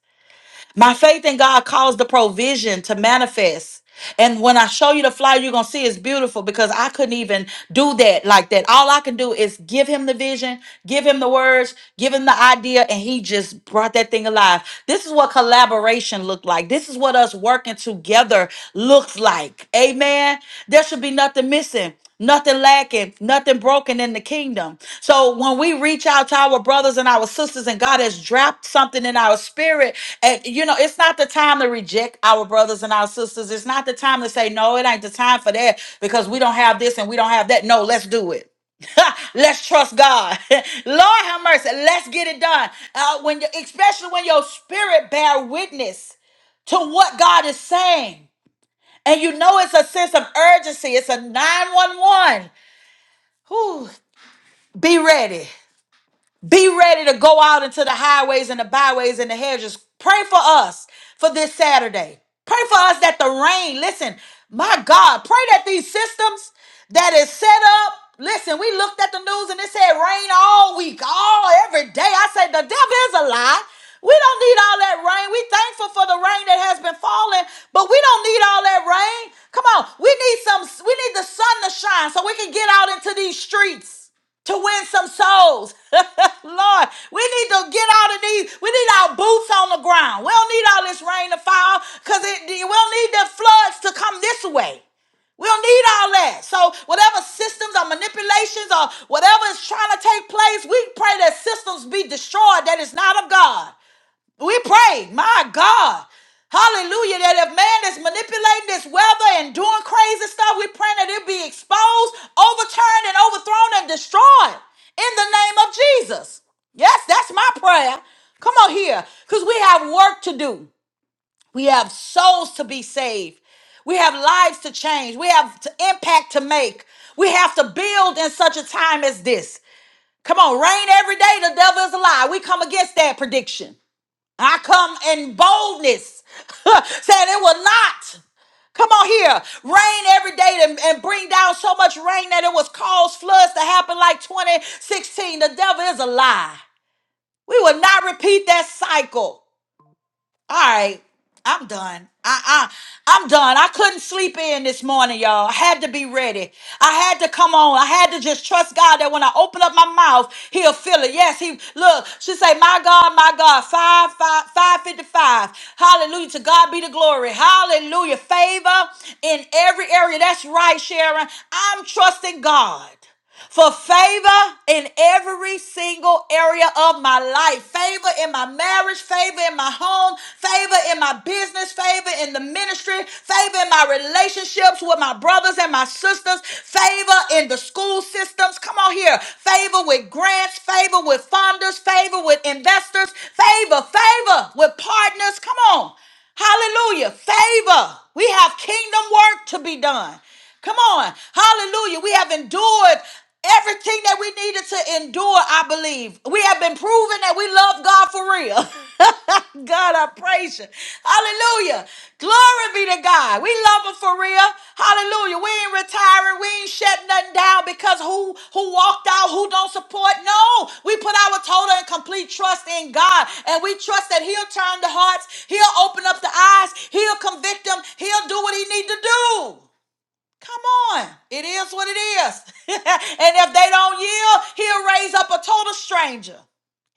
S1: My faith in God caused the provision to manifest. And when I show you the flyer, you're going to see it's beautiful because I couldn't even do that like that. All I can do is give him the vision, give him the words, give him the idea, and he just brought that thing alive. This is what collaboration looked like. This is what us working together looks like. Amen. There should be nothing missing. Nothing lacking, nothing broken in the kingdom. So when we reach out to our brothers and our sisters, and God has dropped something in our spirit, and you know, it's not the time to reject our brothers and our sisters. It's not the time to say, no, it ain't the time for that because we don't have this and we don't have that. No, let's do it. let's trust God. Lord have mercy. Let's get it done. Uh, when you, especially when your spirit bear witness to what God is saying. And you know it's a sense of urgency. It's a 911. Whew. Be ready. Be ready to go out into the highways and the byways and the hedges. Pray for us for this Saturday. Pray for us that the rain, listen, my God, pray that these systems that is set up, listen, we looked at the news and it said rain all week, all every day. I said, the devil is a lie. We don't need all that rain. We thankful for the rain that has been falling, but we don't need all that rain. Come on, we need some, we need the sun to shine so we can get out into these streets to win some souls. Lord, we need to get out of these. We need our boots on the ground. We don't need all this rain to fall because it, we don't need the floods to come this way. We don't need all that. So, whatever systems or manipulations or whatever is trying to take place, we pray that systems be destroyed that is not of God. We pray, my God. Hallelujah. That if man is manipulating this weather and doing crazy stuff, we pray that it be exposed, overturned, and overthrown and destroyed in the name of Jesus. Yes, that's my prayer. Come on here, because we have work to do. We have souls to be saved. We have lives to change. We have to impact to make. We have to build in such a time as this. Come on, rain every day. The devil is a lie. We come against that prediction. I come in boldness, saying it will not. Come on here. Rain every day and, and bring down so much rain that it was caused floods to happen like 2016. The devil is a lie. We will not repeat that cycle. All right, I'm done. I, I I'm done. I couldn't sleep in this morning, y'all. I had to be ready. I had to come on. I had to just trust God that when I open up my mouth, He'll fill it. Yes, He look. She say, "My God, my God, five five five fifty five. Hallelujah! To God be the glory. Hallelujah! Favor in every area. That's right, Sharon. I'm trusting God for favor in every single area of my life favor in my marriage favor in my home favor in my business favor in the ministry favor in my relationships with my brothers and my sisters favor in the school systems come on here favor with grants favor with funders favor with investors favor favor with partners come on Hallelujah. Favor. We have kingdom work to be done. Come on. Hallelujah. We have endured everything that we needed to endure, I believe. We have been proven that we love God for real. God, I praise you. Hallelujah. Glory be God. We love him for real. Hallelujah. We ain't retiring. We ain't shutting nothing down because who who walked out, who don't support. No. We put our total and complete trust in God. And we trust that he'll turn the hearts, he'll open up the eyes, he'll convict them, he'll do what he need to do. Come on. It is what it is. and if they don't yield, he'll raise up a total stranger.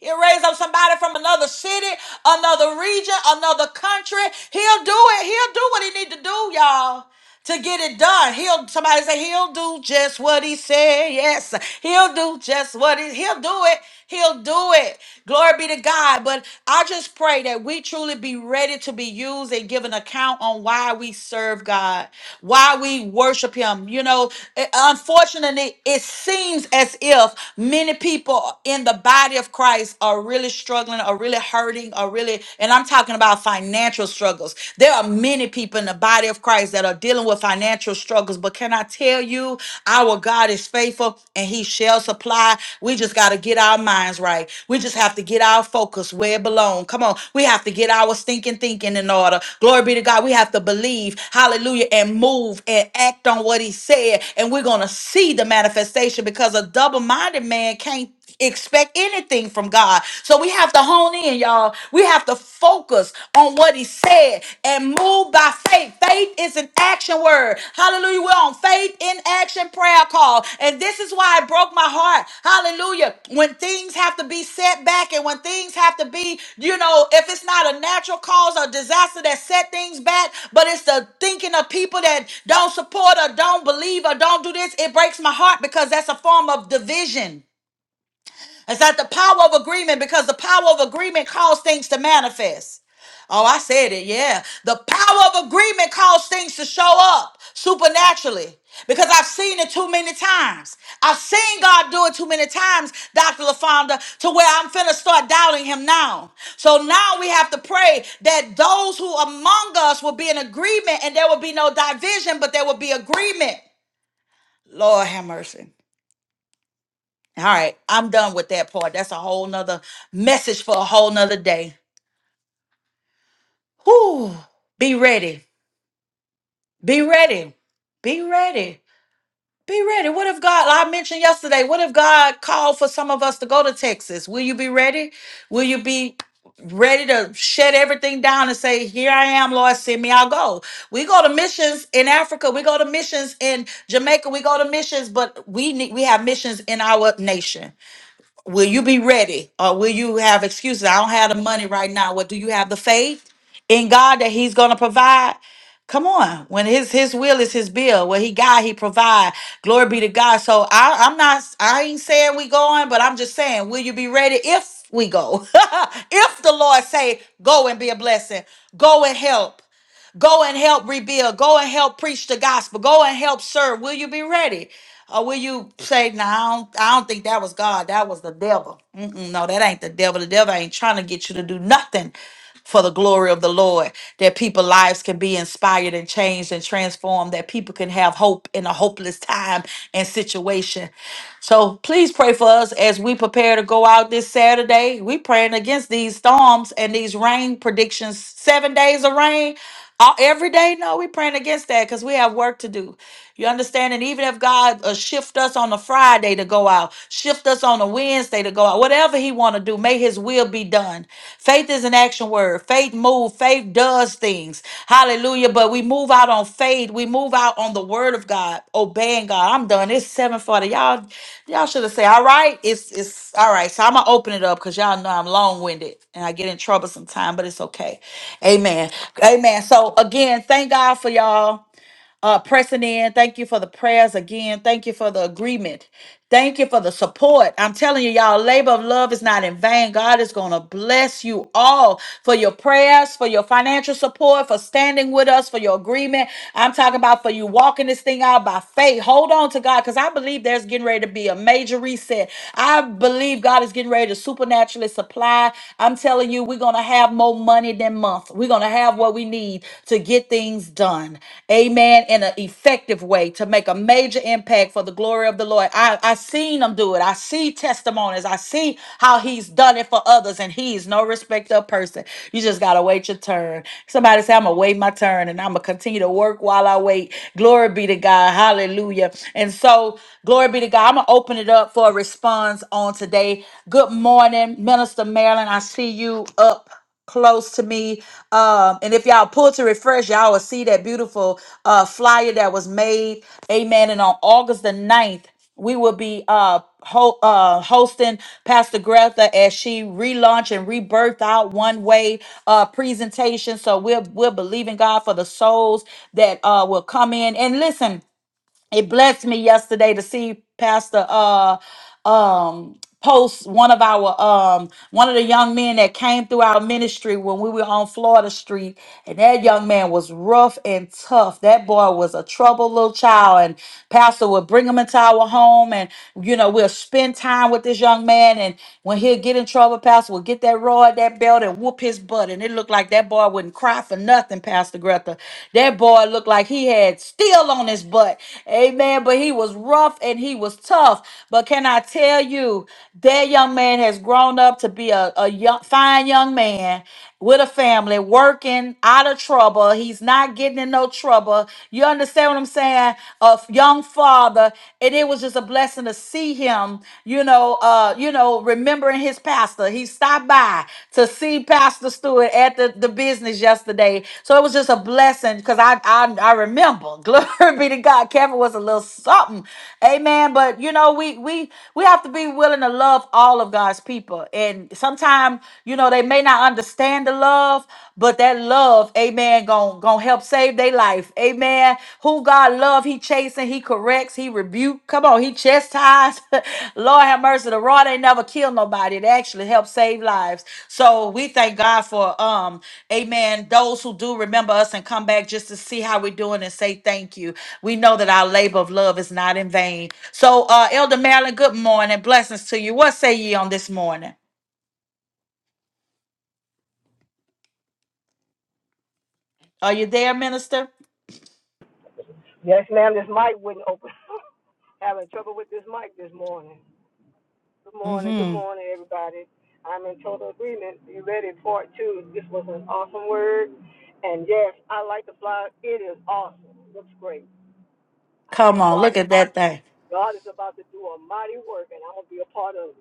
S1: He'll raise up somebody from another city, another region, another country. He'll do it. He'll do what he need to do, y'all. To get it done, he'll somebody say he'll do just what he said. Yes, he'll do just what he he'll do it. He'll do it. Glory be to God. But I just pray that we truly be ready to be used and give an account on why we serve God, why we worship Him. You know, eh, unfortunately, it seems as if many people in the Bible body of Christ are really struggling, are really hurting, are really, and I'm talking about financial struggles. There are many people in the body of Christ that are dealing with financial struggles, but can I tell you, our God is faithful and He shall supply. We just got to get our minds right. We just have to get our focus where it belongs. Come on. We have to get our stinking thinking in order. Glory be to God. We have to believe, hallelujah, and move and act on what He said. And we're going to see the manifestation because a double minded man can't expect anything from God. So we have to hone in, y'all. We have to focus on what he said and move by faith. Faith is an action word. Hallelujah. We're on faith in action prayer call. And this is why it broke my heart. Hallelujah. When things have to be set back and when things have to be, you know, if it's not a natural cause or disaster that set things back, but it's the thinking of people that don't support or don't believe or don't do this, it breaks my heart because that's a form of division. It's not the power of agreement because the power of agreement calls things to manifest. Oh, I said it. Yeah. The power of agreement causes things to show up supernaturally because I've seen it too many times. I've seen God do it too many times, Dr. LaFonda, to where I'm finna start doubting him now. So now we have to pray that those who among us will be in agreement and there will be no division, but there will be agreement. Lord have mercy. All right, I'm done with that part. That's a whole nother message for a whole nother day. Whew. Be ready. Be ready. Be ready. Be ready. What if God, I mentioned yesterday, what if God called for some of us to go to Texas? Will you be ready? Will you be ready to shut everything down and say, Here I am, Lord, send me, I'll go. We go to missions in Africa, we go to missions in Jamaica, we go to missions, but we need we have missions in our nation. Will you be ready or will you have excuses? I don't have the money right now. What do you have the faith in God that he's going to provide? Come on. When his his will is his bill. What he got, he provide. Glory be to God. So I, I'm not I ain't saying we going, but I'm just saying, will you be ready if we go? if the Lord say, go and be a blessing, go and help. Go and help rebuild. Go and help preach the gospel. Go and help serve. Will you be ready? Or will you say, no, I don't, I don't think that was God. That was the devil. Mm-mm, no, that ain't the devil. The devil ain't trying to get you to do nothing for the glory of the Lord, that people's lives can be inspired and changed and transformed, that people can have hope in a hopeless time and situation. So please pray for us as we prepare to go out this Saturday. We praying against these storms and these rain predictions. Seven days of rain. uh, Every day, no, we praying against that because we have work to do. You understand? And even if God uh, shift us on a Friday to go out, shift us on a Wednesday to go out, whatever He want to do, may His will be done. Faith is an action word. Faith moves. Faith does things. Hallelujah. But we move out on faith. We move out on the word of God, obeying God. I'm done. It's 740. Y'all, y'all should have said, all right, it's it's all right. So I'm gonna open it up because y'all know I'm long-winded and I get in trouble sometimes, but it's okay. Amen. Amen. So again, thank God for y'all uh, pressing in. Thank you for the prayers again. Thank you for the agreement. Thank you for the support. I'm telling you, y'all, labor of love is not in vain. God is going to bless you all for your prayers, for your financial support, for standing with us, for your agreement. I'm talking about for you walking this thing out by faith. Hold on to God because I believe there's getting ready to be a major reset. I believe God is getting ready to supernaturally supply. I'm telling you, we're going to have more money money than month. We're going to have what we need to get things done. Amen. In an effective way to make a major impact for the glory of the Lord. I, I seen him do it. I see testimonies. I see how he's done it for others, and he is no respecter of person. You just gotta wait your turn. Somebody say, I'm gonna wait my turn and I'm gonna continue to work while I wait. Glory be to God. Hallelujah. And so, glory be to God. I'm gonna open it up for a response on today. Good morning, Minister Marilyn. I see you up close to me. Um, and if y'all pull to refresh, y'all will see that beautiful uh, flyer that was made. Amen. And on August the ninth, we will be uh, ho- uh, hosting Pastor Greta as she relaunch and rebirth out one way uh, presentation. So we're we're believing God for the souls that uh, will come in. And listen it blessed me yesterday to see pastor uh um post one of our um one of the young men that came through our ministry when we were on Florida Street and that young man was rough and tough that boy was a troubled little child and pastor would bring him into our home and you know we'll spend time with this young man and when he'll get in trouble pastor will get that rod that belt and whoop his butt and it looked like that boy wouldn't cry for nothing, Pastor Greta. That boy looked like he had steel on his butt. Amen. But he was rough and he was tough. But can I tell you, that young man has grown up to be a, a young, fine young man with a family, working out of trouble. He's not getting in no trouble. You understand what I'm saying? A f- young father. And it was just a blessing to see him him, you know, uh, you know, remembering his pastor. He stopped by to see Pastor Stewart at the, the business yesterday. So it was just a blessing because I, I I remember. Glory be to God. Kevin was a little something. Amen. But you know, we we we have to be willing to love all of God's people. And sometimes, you know, they may not understand the love, but that love, amen, gonna, gonna help Saved their life. Amen. Who God love, he chasing, he corrects, he rebuke. Come on, he chastised. Lord have mercy. The rod ain't never killed nobody. It actually helps save lives. So we thank God for um, amen. Those who do remember us and come back just to see how we're doing and say thank you. We know that our labor of love is not in vain. So uh Elder Marilyn, good morning. Blessings to you. What say ye on this morning? Are you there, minister?
S3: Yes, ma'am. This mic wouldn't open. Having trouble with this mic this morning. Good morning. Good
S1: Mm-hmm.
S3: morning, everybody. I'm in total agreement. You ready? Part two. This was an awesome word. And yes, I like the flyer. It is awesome. Looks great. I
S1: Come
S3: think
S1: on,
S3: God
S1: look
S3: is
S1: at that thing.
S3: God is about to do a mighty work, and I'm gonna be a part of it.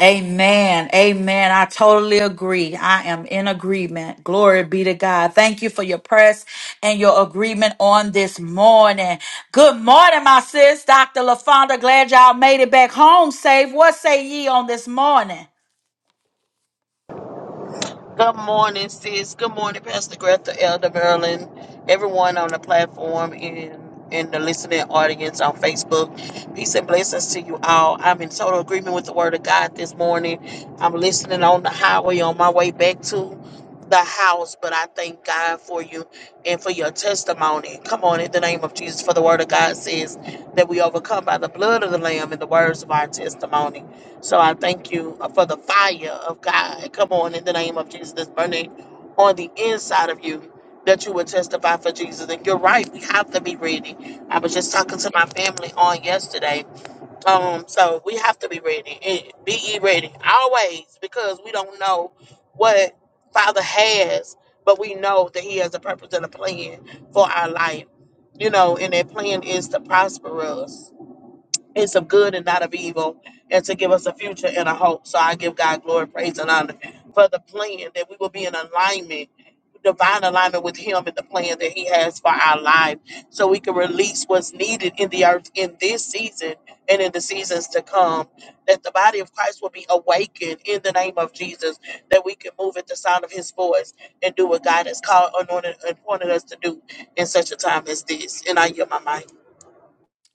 S1: Amen. Amen. I totally agree. I am in agreement. Glory be to God. Thank you for your press and your agreement on this morning. Good morning, my sis, Dr. LaFonda. Glad y'all made it back home safe. What say ye on this morning?
S4: Good morning, sis. Good morning, Pastor Greta, Elder Marilyn, everyone on the platform and in the listening audience on Facebook. Peace and blessings to you all. I'm in total agreement with the word of God this morning. I'm listening on the highway on my way back to the house, but I thank God for you and for your testimony. Come on, in the name of Jesus, for the word of God says that we overcome by the blood of the Lamb and the words of our testimony. So I thank you uh, for the fire of God. Come on, in the name of Jesus, that's burning on the inside of you, that you would testify for Jesus. And you're right, we have to be ready. I was just talking to my family on yesterday. Um, so we have to be ready. Eh, Be ye ready always, because we don't know what Father has, but we know that He has a purpose and a plan for our life. You know, and that plan is to prosper us it's of good and not of evil, and to give us a future and a hope. So I give God glory, praise, and honor for the plan that we will be in alignment, divine alignment with Him and the plan that He has for our life, so we can release what's needed in the earth in this season and in the seasons to come. That the body of Christ will be awakened in the name of Jesus, that we can move at the sound of His voice and do what God has called, anointed, and appointed us to do in such a time as this. And I yield my mind.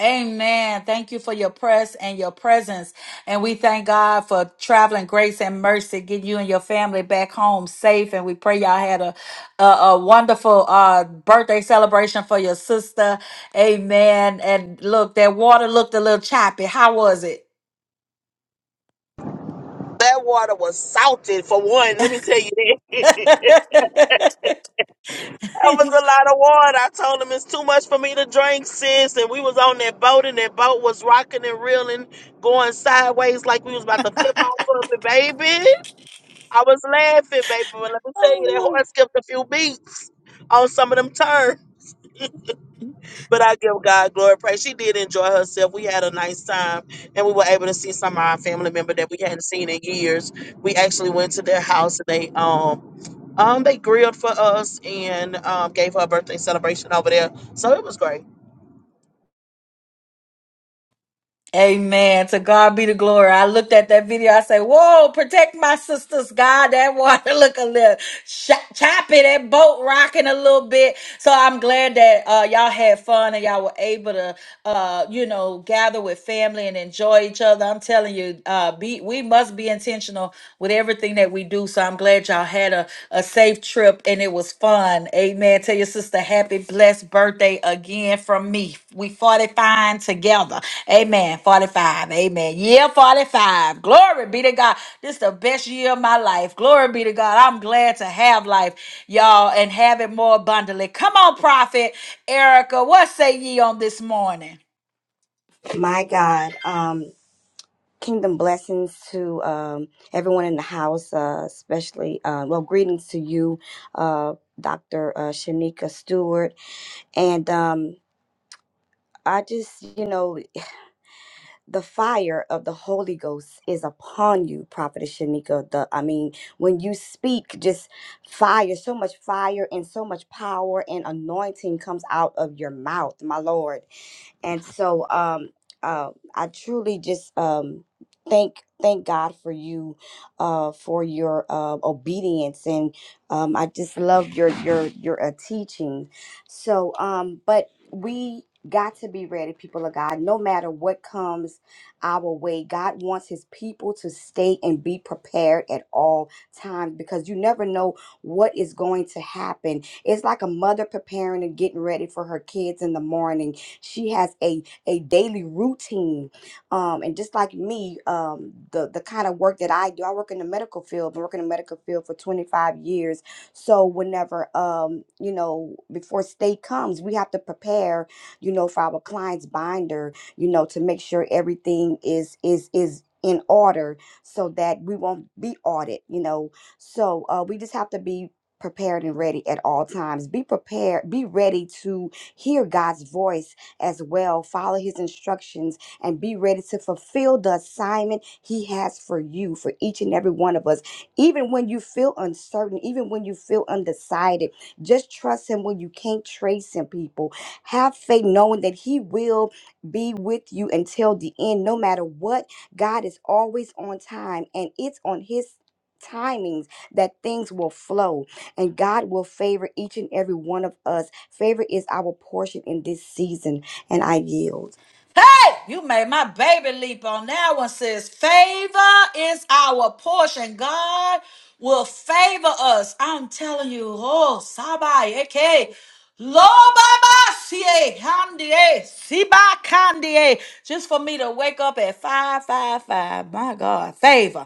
S1: Amen. Thank you for your press and your presence. And we thank God for traveling grace and mercy, getting you and your family back home safe. And we pray y'all had a, a, a wonderful uh, birthday celebration for your sister. Amen. And look, that water looked a little choppy. How was it?
S4: That water was salted for one. Let me tell you that. that was a lot of water. I told him it's too much for me to drink, sis. And we was on that boat and that boat was rocking and reeling, going sideways like we was about to flip off of it, baby. I was laughing, baby. But let me tell you, that horse skipped a few beats on some of them turns. But I give God glory praise. She did enjoy herself. We had a nice time and we were able to see some of our family member that we hadn't seen in years. We actually went to their house and they um Um, they grilled for us and um, gave her a birthday celebration over there, so it was great.
S1: Amen. To God be the glory. I looked at that video. I say, "Whoa, protect my sisters, God!" That water look a little sh- choppy. That boat rocking a little bit. So I'm glad that uh, y'all had fun and y'all were able to, uh, you know, gather with family and enjoy each other. I'm telling you, uh, be we must be intentional with everything that we do. So I'm glad y'all had a a safe trip and it was fun. Amen. Tell your sister happy blessed birthday again from me. We 45 together. Amen. 45. Amen. Yeah, 45. Glory be to God. This is the best year of my life. Glory be to God. I'm glad to have life, y'all, and have it more abundantly. Come on, prophet Erica. What say ye on this morning?
S5: My God, um, kingdom blessings to um, everyone in the house, uh, especially, uh, well, greetings to you, uh, Dr. Uh, Shanika Stewart. And um, I just, you know, the fire of the Holy Ghost is upon you, Prophet Shanika. The, I mean, when you speak, just fire, so much fire and so much power and anointing comes out of your mouth, my Lord. and so um, uh, I truly just um, thank thank God for you, uh, for your uh, obedience, and um, I just love your your your uh, teaching. So, um, but we got to be ready, people of God. No matter what comes our way, God wants His people to stay and be prepared at all times because you never know what is going to happen. It's like a mother preparing and getting ready for her kids in the morning she has a a daily routine, um, and just like me, um, the the kind of work that I do, I work in the medical field. I've been working in the medical field for 25 years. So whenever, um, you know, before state comes, we have to prepare, you know, for our client's binder, you know, to make sure everything is is is in order so that we won't be audited, you know. So uh, we just have to be prepared and ready at all times. Be prepared, be ready to hear God's voice as well. Follow his instructions and be ready to fulfill the assignment he has for you, for each and every one of us. Even when you feel uncertain, even when you feel undecided, just trust him when you can't trace him, people. Have faith knowing that he will be with you until the end, no matter what. God is always on time, and it's on his timings that things will flow and God will favor each and every one of us. Favor is our portion in this season and I yield.
S1: Hey, you made my baby leap on that one, says favor is our portion. God will favor us. I'm telling you, oh, sabai, okay. Lo baba sie handie siba kandie. Just for me to wake up at 555. My God, favor.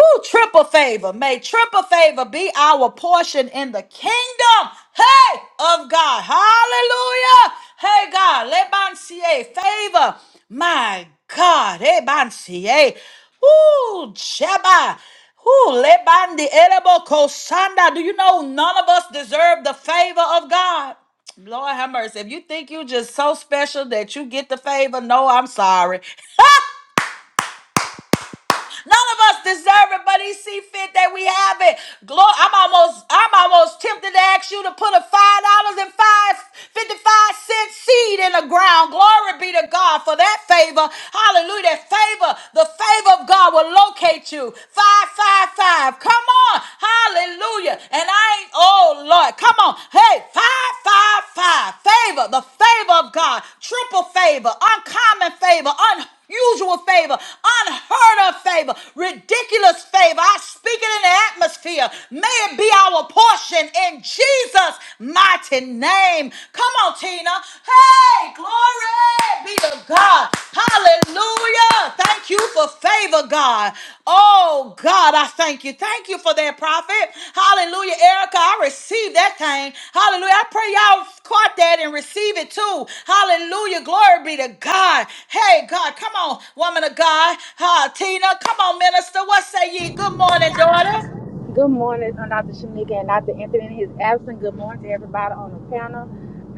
S1: Ooh, triple favor. May triple favor be our portion in the kingdom. Hey, of God. Hallelujah. Hey, God. Lebancie. Favor. My God. Lebancie. Ooh, Jeba. Ooh, Lebandi. Erebo Kosanda. Do you know none of us deserve the favor of God? Lord have mercy. If you think you just so special that you get the favor, no, I'm sorry. None of us deserve it, but he see fit that we have it. Glory, I'm almost, I'm almost tempted to ask you to put a five dollars and five fifty-five cent seed in the ground. Glory be to God for that favor. Hallelujah. That favor, the favor of God will locate you. Five, five, five. Come on. Hallelujah. And I ain't, oh Lord, come on. Hey, five, five, five. Favor, the favor of God. Triple favor, uncommon favor, unheard unusual favor, unheard of favor, ridiculous favor. I speak it in the atmosphere. May it be our portion in Jesus' mighty name. Come on, Tina. Hey, glory be to God. Hallelujah. Thank you for favor, God. God. Oh God, I thank you. Thank you for that prophet. Hallelujah. Erica, I received that thing. Hallelujah. I pray y'all caught that and receive it too. Hallelujah. Glory be to God. Hey, God, come on, woman of God. Ha, Tina, come on, minister. What say ye? Good morning, daughter.
S6: Good morning, uh, Dr. Shanika and Dr. Anthony in his absence. Good morning to everybody on the panel.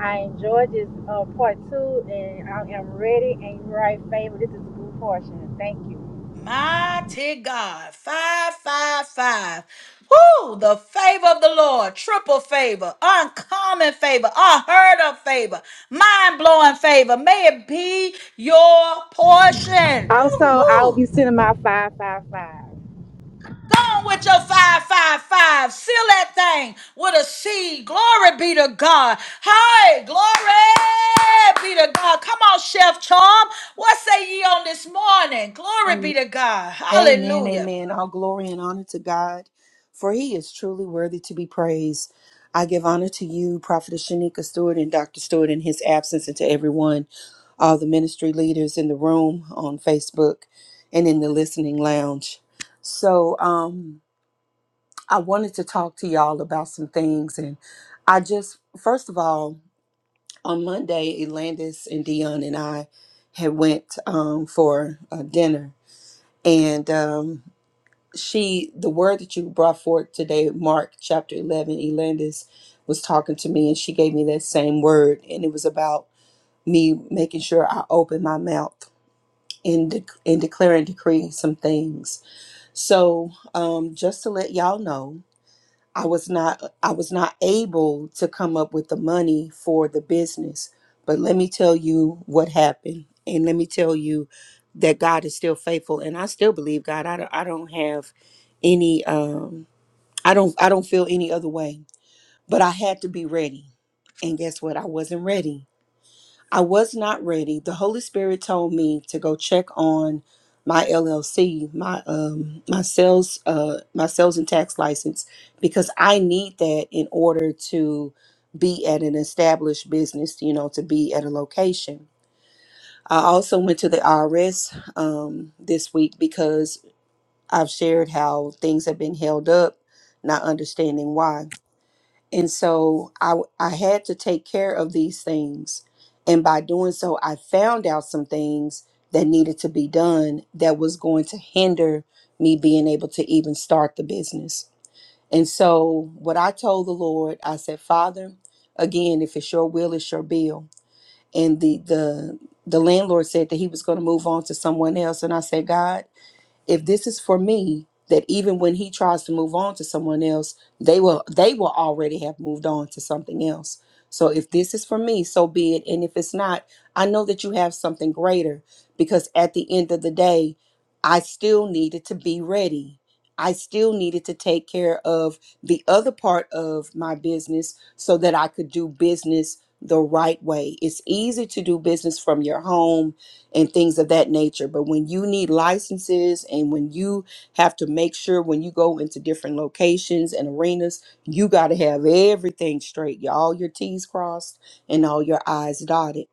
S6: I enjoyed this uh, part two, and I am ready. And you're right, favor. This is a good portion. Thank you.
S1: Mighty God, five, five, five. Whoo, the favor of the Lord, triple favor, uncommon favor, unheard of favor, mind blowing favor. May it be your portion.
S6: Also, I will
S1: Whoo,
S6: be sending my five five five.
S1: go on with your five, five, five. Seal that thing with a C. Glory be to God. Hey, glory be to God. Come on, Chef Charm. What say ye on this morning? Glory be
S7: Amen,
S1: to God.
S7: amen. Amen. All glory and honor to God, for he is truly worthy to be praised. I give honor to you, Prophetess Shanika Stewart and Dr. Stewart in his absence, and to everyone, all the ministry leaders in the room on Facebook and in the listening lounge. So, um, I wanted to talk to y'all about some things. And I just, first of all, on Monday, Elandis and Dion and I had went um, for uh, dinner. And um, she the word that you brought forth today mark chapter 11 elandis was talking to me and she gave me that same word and it was about me making sure i open my mouth and, de- and declare and decree some things so um, just to let y'all know I was not I was not able to come up with the money for the business. But let me tell you what happened and let me tell you that God is still faithful and I still believe God. I don't, I don't have any um I don't I don't feel any other way. But I had to be ready. And guess what? I wasn't ready. I was not ready. The Holy Spirit told me to go check on my LLC, my um my sales uh my sales and tax license because I need that in order to be at an established business, you know, to be at a location. I also went to the IRS um, this week because I've shared how things have been held up, not understanding why. And so I, w- I had to take care of these things. And by doing so, I found out some things that needed to be done that was going to hinder me being able to even start the business. And so, what I told the Lord, I said, Father, again, if it's your will, it's your bill. And the, the, the landlord said that he was going to move on to someone else. And I said, God, if this is for me that even when he tries to move on to someone else they will they will already have moved on to something else so if this is for me so be it and if it's not i know that you have something greater because at the end of the day i still needed to be ready i still needed to take care of the other part of my business so that i could do business the right way it's easy to do business from your home and things of that nature. But when you need licenses and when you have to make sure when you go into different locations and arenas, you got to have everything straight, y'all, all your T's crossed and all your I's dotted.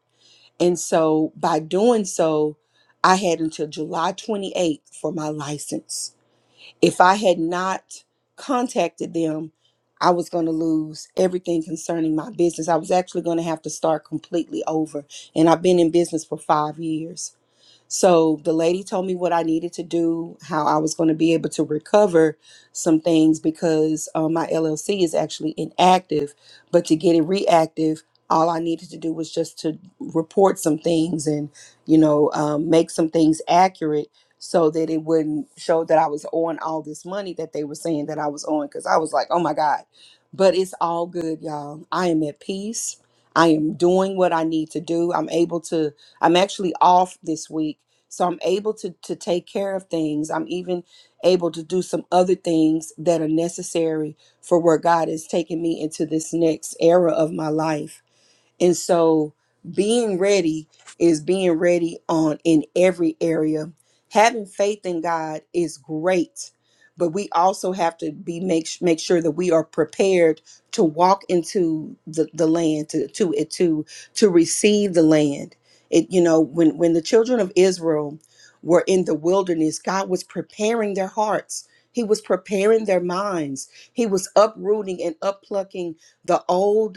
S7: And so by doing so, I had until July 28th for my license. If I had not contacted them, I was going to lose everything concerning my business. I was actually going to have to start completely over. And I've been in business for five years. So the lady told me what I needed to do, how I was going to be able to recover some things because uh, my LLC is actually inactive. But to get it reactive, all I needed to do was just to report some things and, you know, um, make some things accurate so that it wouldn't show that I was on all this money that they were saying that I was on. Because I was like, oh my God. But it's all good, y'all. I am at peace. I am doing what I need to do. I'm able to I'm actually off this week, so I'm able to to take care of things. I'm even able to do some other things that are necessary for where God is taking me into this next era of my life. And so being ready is being ready on in every area. Having faith in God is great, but we also have to be make make sure that we are prepared to walk into the, the land to to it to to receive the land. It you know when when the children of Israel were in the wilderness, God was preparing their hearts. He was preparing their minds. He was uprooting and upplucking the old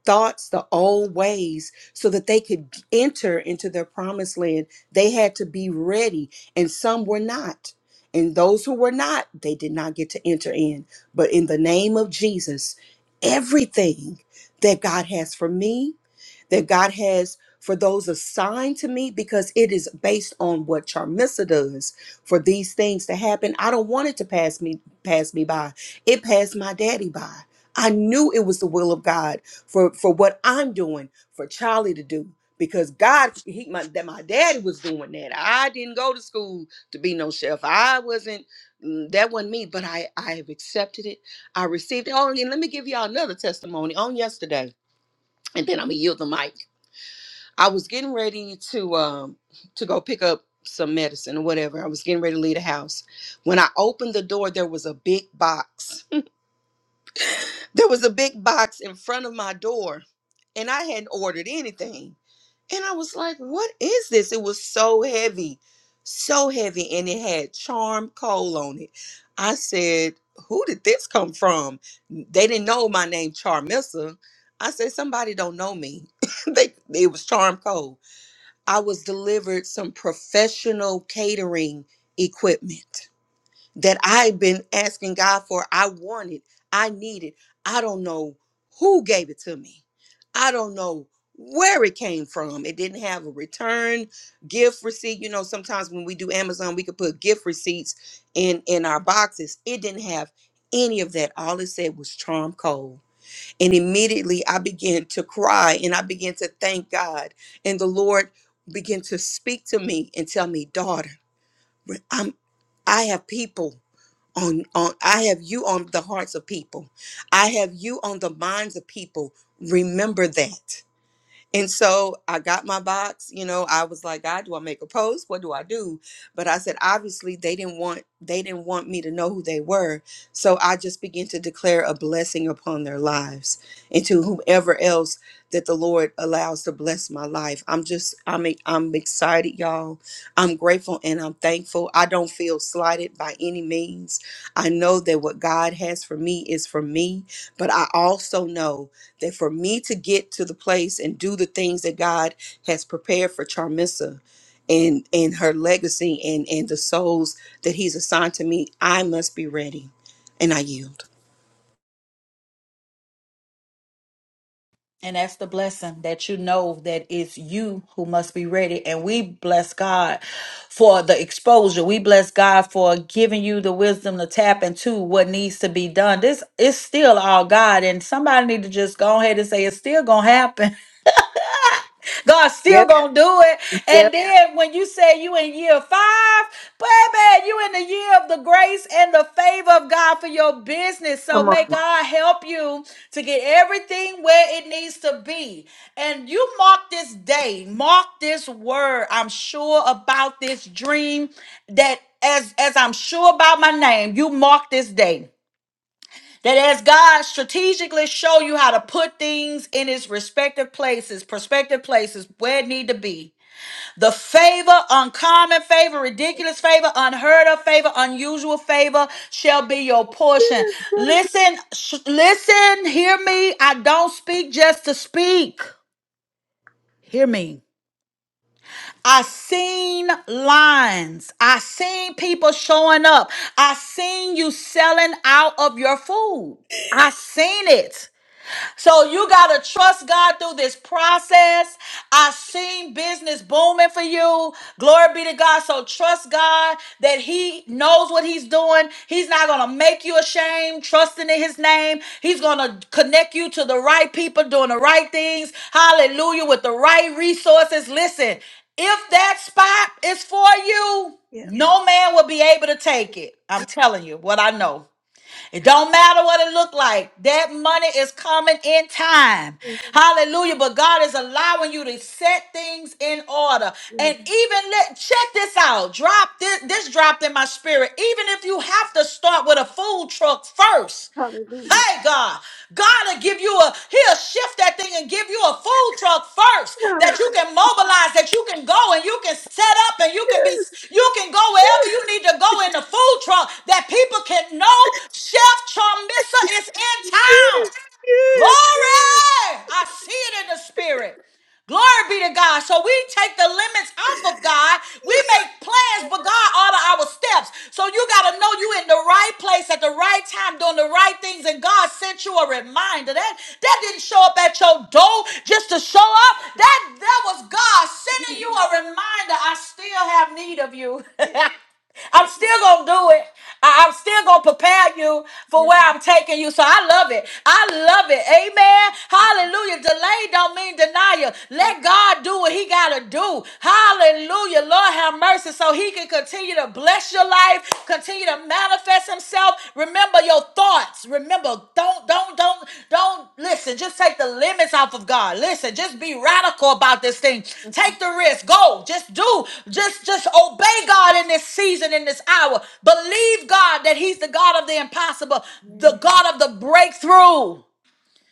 S7: own thoughts, the old ways, so that they could enter into their promised land. They had to be ready, and some were not. And those who were not, they did not get to enter in. But in the name of Jesus, everything that God has for me, that God has for those assigned to me because it is based on what Charmissa does for these things to happen. I don't want it to pass me pass me by. It passed my daddy by. I knew it was the will of God for for what I'm doing for Charlie to do because God he my that my daddy was doing that. I didn't go to school to be no chef. I wasn't mm, that wasn't me, but I I have accepted it. I received it. Oh, and let me give y'all another testimony on yesterday and then I'm gonna yield the mic. I was getting ready to um to go pick up some medicine or whatever. I was getting ready to leave the house. When I opened the door, there was a big box. there was a big box in front of my door, and I hadn't ordered anything. And I was like, "What is this?" It was so heavy, so heavy, and it had charm coal on it. I said, "Who did this come from?" They didn't know my name, Charmissa. I said, "Somebody don't know me." they it was charm coal. I was delivered some professional catering equipment that I've been asking God for. I wanted, I needed. I don't know who gave it to me. I don't know where it came from. It didn't have a return gift receipt. You know, sometimes when we do Amazon, we could put gift receipts in in our boxes. It didn't have any of that. All it said was Charm Cove. And immediately I began to cry and I began to thank God. And the Lord began to speak to me and tell me, daughter, I'm I have people on on I have you on the hearts of people. I have you on the minds of people. Remember that. And so I got my box. You know, I was like, God, do I make a post? What do I do? But I said, obviously, they didn't want they didn't want me to know who they were. So I just began to declare a blessing upon their lives and to whomever else that the Lord allows to bless my life. I'm just I'm e- I'm excited, y'all. I'm grateful and I'm thankful. I don't feel slighted by any means. I know that what God has for me is for me, but I also know that for me to get to the place and do the things that God has prepared for Charmissa and and her legacy and and the souls that he's assigned to me, I must be ready. And I yield.
S1: And that's the blessing that you know that it's you who must be ready. And we bless God for the exposure. We bless God for giving you the wisdom to tap into what needs to be done. This is still all God. And somebody need to just go ahead and say it's still gonna happen. God's still
S7: Yep,
S1: gonna do it. And
S7: yep.
S1: then when you say you in year five, baby, you in the year of the grace and the favor of God for your business.
S7: Come on.
S1: God help you to get everything where it needs to be. And you mark this day, mark this word. I'm sure about this dream that as as I'm sure about my name, you mark this day. That as God strategically show you how to put things in its respective places, prospective places where it need to be. The favor, uncommon favor, ridiculous favor, unheard of favor, unusual favor shall be your portion Listen, sh- listen, hear me. I don't speak just to speak. Hear me. I seen lines. I seen people showing up. I seen you selling out of your food. I seen it. So you gotta trust God through this process. I seen business booming for you. Glory be to God. So trust God that He knows what He's doing. He's not gonna make you ashamed. Trusting in His name, He's gonna connect you to the right people doing the right things. Hallelujah! With the right resources. Listen, if that spot is for you, no man will be able to take it. I'm telling you what I know. It don't matter what it look like. That money is coming in time.
S7: Yes,
S1: Hallelujah. But God is allowing you to set things in order.
S7: yes.
S1: And even let check this out. Drop this this dropped in my spirit. Even if you have to start with a food truck first.
S7: Hallelujah.
S1: Hey God, God will give you a he'll shift that thing and give you a food truck first that
S7: Hallelujah.
S1: you can mobilize, that you can go and you can set up and you can you can go wherever you need to go in the food truck that people can know Chef Chum is in town.
S7: Yes.
S1: Glory! I see it in the spirit. Glory be to God. So we take the limits off of God. We make plans, but God order our steps. So you got to know you in the right place at the right time, doing the right things, and God sent you a reminder. That that didn't show up at your door just to show up. That that was God
S7: Yes,
S1: sending you a reminder. I still have need of
S7: yes,
S1: you. I'm
S7: yes,
S1: still gonna do it. I- I'm still gonna prepare you for
S7: yes,
S1: where I'm taking you. So I love it. I love it. Amen.
S7: yes.
S1: Hallelujah. Delay don't mean denial.
S7: Hey,
S1: Let God do what He gotta do. Hallelujah. Lord have mercy, so He can continue to bless your life, continue to manifest Himself. Remember your thoughts. Remember, don't, don't, don't, don't listen. Just take the limits off of God. Listen, just be radical about this thing.
S7: mm,
S1: Take the risk. Go. Just do. Just, just obey God in this season, in this hour. Believe God that He's the God of the impossible, the
S7: Yes,
S1: God of the breakthrough.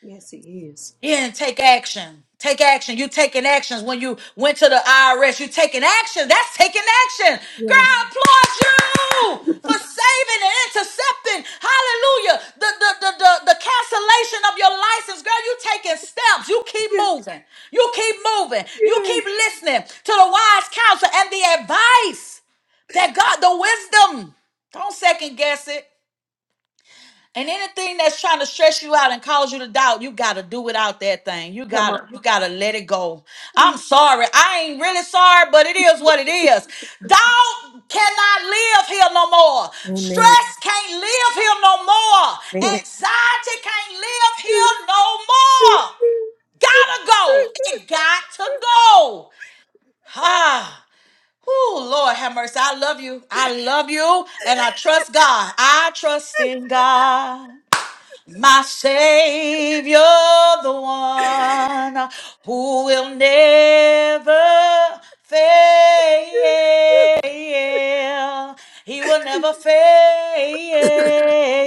S7: yes, he is.
S1: Yeah, and take action. Take action. You taking actions when you went to the IRS. You taking action. That's taking action. Girl,
S7: Yes,
S1: I applaud you saving and intercepting, hallelujah, the, the, the, the, the cancellation of your license. Girl, you taking steps. You keep
S7: yes,
S1: moving. You keep moving. You
S7: yes.
S1: keep listening to the wise counsel and the advice that God, the wisdom. Don't second guess it. And anything that's trying to stress you out and cause you to doubt, you gotta do without that thing. You
S7: Come
S1: gotta, you gotta let it go.
S7: on.
S1: I'm sorry. I ain't really sorry, but it is what it is. Doubt cannot live here no more.
S7: Amen.
S1: Stress can't live here no more.
S7: Amen.
S1: Anxiety can't live here no more. Gotta go. Got to go. Ah. Oh, Lord have mercy. I love you. I love you. And I trust God. I trust in God my Savior, the one who will never fail. He will never fail.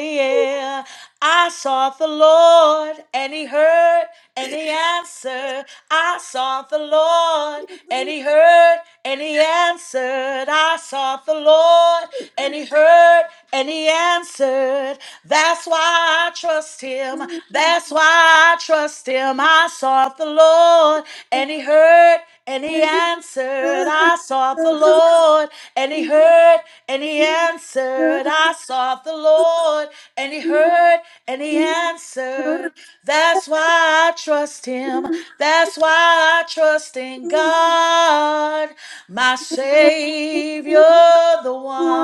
S1: Yeah. I sought the Lord and he heard and he answered. I sought the Lord and he heard and he answered. I sought the Lord and he heard and he answered. That's why I trust him. That's why I trust him. I sought the Lord and he heard and he answered, I sought the Lord. And he heard, and he answered, I sought the Lord. And he heard, and he answered. That's why I trust him. That's why I trust in God, my Savior, the one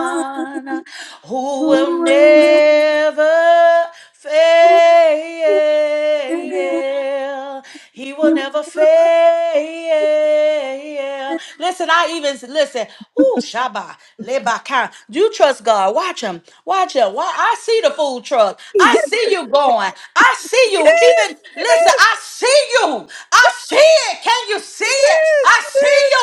S1: who will never fail fail. He will never fail. Listen, I even listen. Ooh, Shabba, Lebaka. You trust God. Watch him. Watch him. Why I see the food truck. I see you going. I see you. Listen, I see you. I see it. Can you see it? I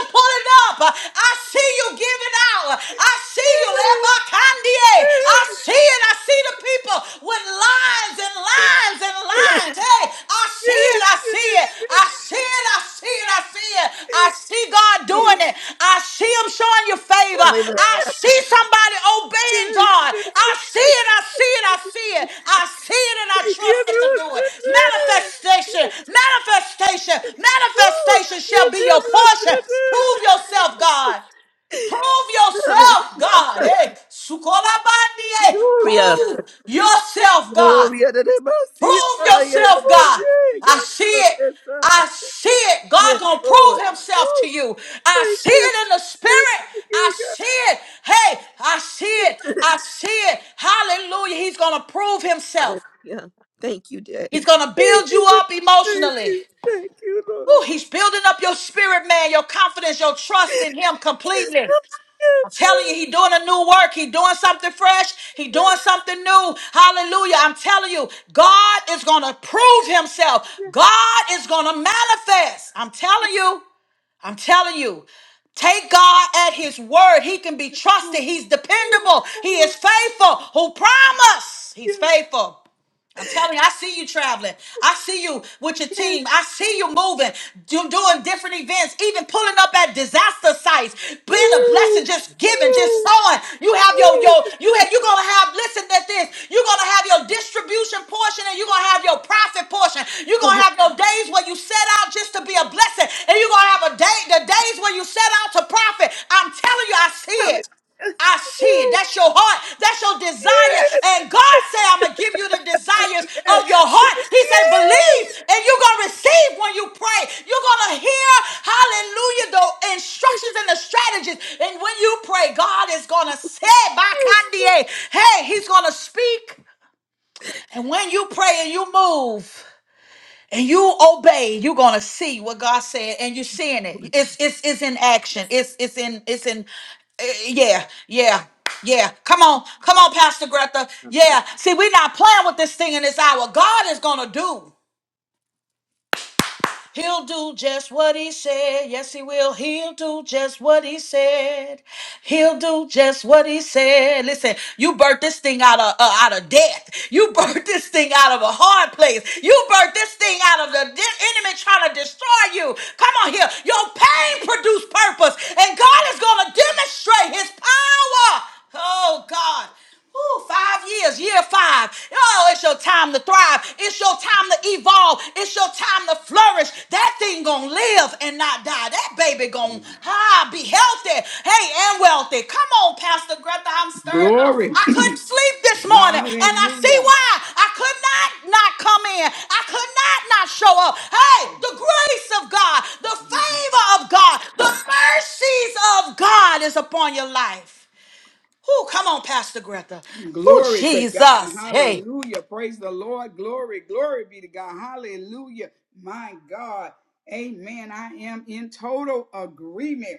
S1: pulling up. I see you giving out. I see you, Lebakandie. I see it. I see the people with lines and lines and lines. Hey, I see it.
S7: Yes,
S1: I see it. I see it. I see it. I see it. I see God
S7: yes, yes.
S1: doing it. I see Him showing you favor.
S7: hallelujah.
S1: I see somebody obeying
S7: Yes,
S1: God. I
S7: yes,
S1: see it. I see it. I see it.
S7: yes.
S1: I see it in our
S7: Yes, Lord.
S1: manifestation. Manifestation. Manifest your portion. Prove yourself, God. Prove yourself,
S7: Hallelujah.
S1: God. Hey, sukolabandie.
S7: Gloria.
S1: Yourself, God.
S7: Gloria to the Messiah.
S1: Prove yourself.
S7: Hallelujah.
S1: See it.
S7: Yes, sir.
S1: I see it. God
S7: Yes,
S1: gonna
S7: Lord.
S1: prove himself to
S7: Woo.
S1: you. I
S7: Thank
S1: see
S7: you.
S1: it in the spirit.
S7: Thank you, God.
S1: See it. Hey, I see it. I see it. Hallelujah. He's gonna prove himself.
S7: Hallelujah. Thank you,
S1: He's
S7: Daddy.
S1: gonna build
S7: Thank you, Lord.
S1: up emotions.
S7: Thank you. Thank you, Lord.
S1: Ooh, he's building up your spirit, man, your confidence, your trust in him completely. I'm telling you, he doing a new work. He doing something fresh. He doing something new. Hallelujah. I'm telling you, God is going to prove himself. God is going to manifest. I'm telling you. I'm telling you. Take God at his word. He can be trusted. He's dependable. He
S7: Oh,
S1: is faithful. Who promised? He's
S7: yes.
S1: faithful. I'm telling you, I see you traveling. I see you with your team. I see you moving, do, doing different events, even pulling up at disaster sites, giving, just sowing. You have your your you have you're gonna have listen to this. You're gonna have your distribution portion and you're gonna have your profit portion. You're gonna have your days where you set out just to be a blessing, and you're gonna have a day the days where you set out to profit. I'm telling you, I see it. I see that's your heart. That's your desire.
S7: Hallelujah.
S1: And God said, I'm a desires of your heart. He said, and you're going to receive when you pray. You're going to hear, hallelujah, the instructions and the strategies. And when you pray, God is going to say, Bakandie, hey, he's going to speak. And when you pray and you move and you obey, you're going to see what God said and you're seeing it. It's, it's, it's in action. It's, it's in, it's in, uh, yeah, yeah. Yeah, come on, come on, Pastor Greta. Yeah, see, we're not playing with this thing in this hour. God is gonna do. He'll do just what he said. Yes, he will. He'll do just what he said. He'll do just what he said. Listen, you birthed this thing out of uh, out of death. You birthed this thing out of a hard place. You birthed this thing out of the de- enemy trying to destroy you. Come on here. Your pain produced purpose, and God is going to demonstrate His power. Oh God. Ooh, five years, year five. Oh, it's your time to thrive. It's your time to evolve. It's your time to flourish. That thing gonna live and not die. That baby gonna ah, be healthy. Hey, and wealthy. Come on, Pastor Greta. I'm stirred up.
S2: Glory.
S1: I couldn't sleep this morning, and I see
S2: Hallelujah.
S1: why. I could not not come in. I could not not show up. Hey, the grace of God, the favor of God, the mercies of God is upon your life. Oh, come on, Pastor Greta. Oh,
S2: Glory to God.
S1: Jesus. Hey,
S2: Hallelujah. Praise the Lord. Glory. Glory be to God. Hallelujah. My God. Amen. I am in total agreement.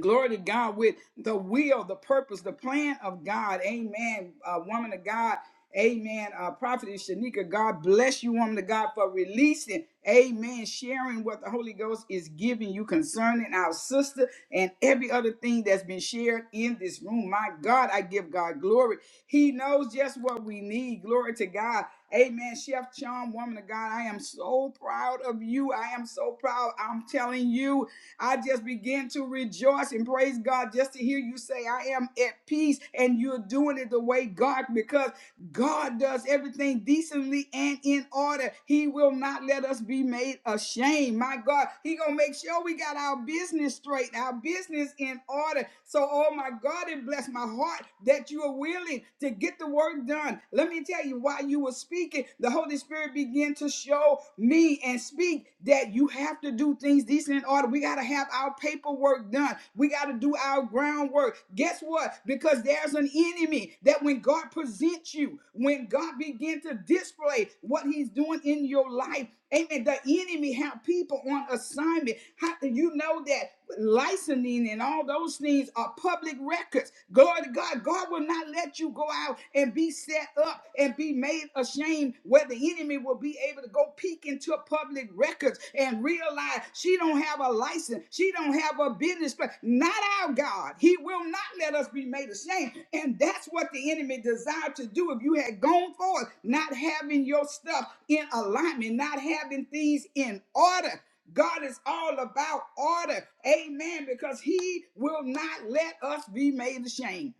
S2: Glory to God with the will, the purpose, the plan of God. Amen. Uh, woman of God. Amen. Uh, Prophetess Shanika, God bless you, woman of God, for releasing. Amen. Sharing what the Holy Ghost is giving you concerning our sister and every other thing that's been shared in this room. My God, I give God glory. He knows just what we need. Glory to God. Amen. Chef Chom, woman of God, I am so proud of you. I am so proud. I'm telling you. I just begin to rejoice and praise God just to hear you say, I am at peace and you're doing it the way God, because God does everything decently and in order. He will not let us be made ashamed. My God, He gonna make sure we got our business straight, our business in order. So, oh my God, it bless my heart that you are willing to get the work done. Let me tell you, while you were speaking, the Holy Spirit began to show me and speak that you have to do things decent in order. We gotta have our paperwork done done. We got to do our groundwork. Guess what? Because there's an enemy that when God presents you, when God begin to display what he's doing in your life, amen, the enemy have people on assignment. How do you know that licensing and all those things are public records? Glory to God. God will not let you go out and be set up and be made ashamed where the enemy will be be able to go peek into public records and realize she don't have a license. She don't have a business plan. Not our God. He will not let us be made ashamed. And that's what the enemy desired to do if you had gone forth, not having your stuff in alignment, not having things in order. God is all about order. Amen. Because he will not let us be made ashamed.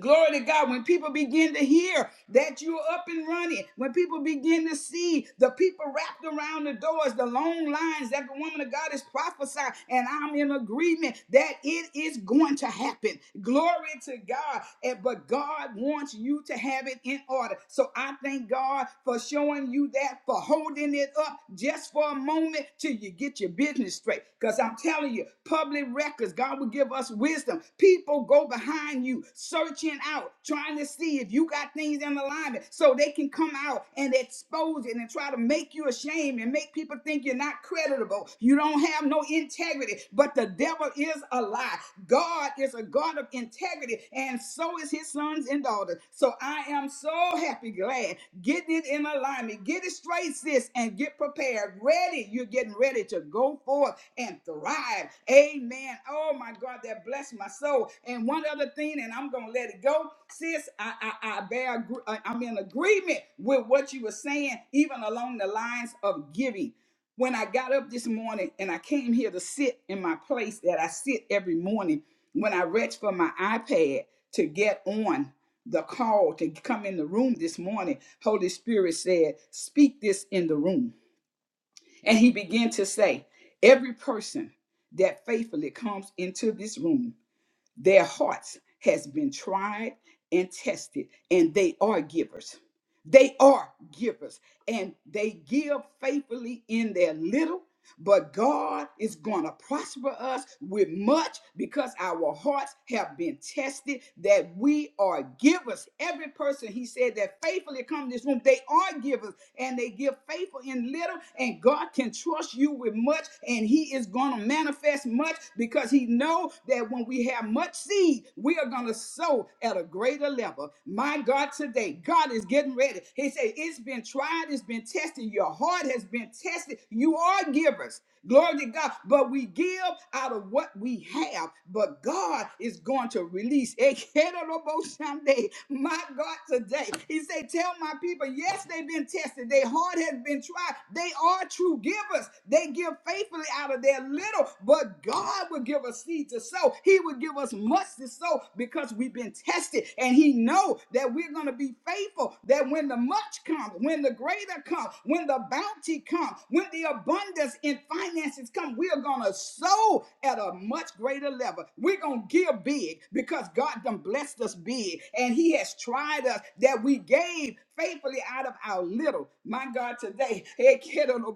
S2: Glory to God. When people begin to hear that you're up and running, when people begin to see the people wrapped around the doors, the long lines that the woman of God is prophesying, and I'm in agreement that it is going to happen. Glory to God. And, but God wants you to have it in order. So I thank God for showing you that, for holding it up just for a moment down moment till you get your business straight. Because I'm telling you, public records, God will give us wisdom. People go behind you, searching out, trying to see if you got things in alignment so they can come out and expose it and try to make you ashamed and make people think you're not creditable. You don't have no integrity. But the devil is a lie. God is a God of integrity. And so so is his sons and daughters. So I am so happy, glad. Get it in alignment. Get it straight, sis, and get prepared. Ready. You're getting ready to go forth and thrive. Amen. Oh my God, that blessed my soul. And one other thing, and I'm gonna let it go, sis. I I, I bear. agree- I- I'm in agreement with what you were saying, even along the lines of giving. When I got up this morning and I came here to sit in my place that I sit every morning when I reached for my iPad to get on the call to come in the room this morning, Holy Spirit said, Speak this in the room. And he began to say, Every person that faithfully comes into this room, their hearts has been tried and tested, and they are givers. They are givers, and they give faithfully in their little but God is going to prosper us with much because our hearts have been tested, that we are givers. Every person, he said, that faithfully come to this room, they are givers and they give faithful in little, and God can trust you with much, and He is going to manifest much because He know that when we have much seed, we are going to sow at a greater level. My God, today God is getting ready. He said, "It's been tried, it's been tested. Your heart has been tested. You you are givers. Glory to God. But we give out of what we have. But God is going to release. Ekeroboshande. My God, today. He said, Tell my people, yes, they've been tested. Their heart has been tried. They are true givers. They give faithfully out of their little. But God will give us seed to sow. He will give us much to sow because we've been tested. And He know that we're going to be faithful. That when the much comes, when the greater comes, when the bounty comes, come, when the abundance in finances come, we are going to sow at a much greater level. We're going to give big because God done blessed us big and he has tried us that we gave faithfully out of our little. My God, today, Ekerobo-shanderobokaya,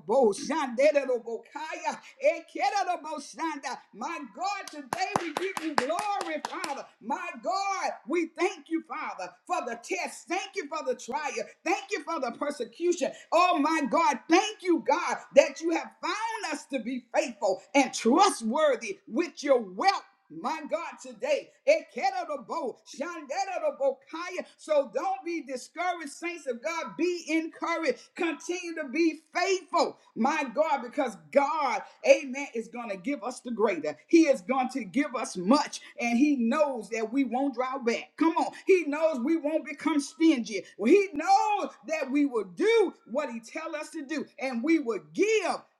S2: Ekerobo-shanda. my God, today we give you glory, Father. My God, we thank you, Father, for the test. Thank you for the trial. Thank you for the persecution. Oh, my my God, thank you, God, that you have found us to be faithful and trustworthy with your wealth. My God, today, Ekerabo, Shanderabo, Kaya. so don't be discouraged, saints of God. Be encouraged. Continue to be faithful, my God, because God, amen, is going to give us the greater. He is going to give us much, and He knows that we won't draw back. Come on. He knows we won't become stingy. He knows that we will do do what he tell us to do, and we will give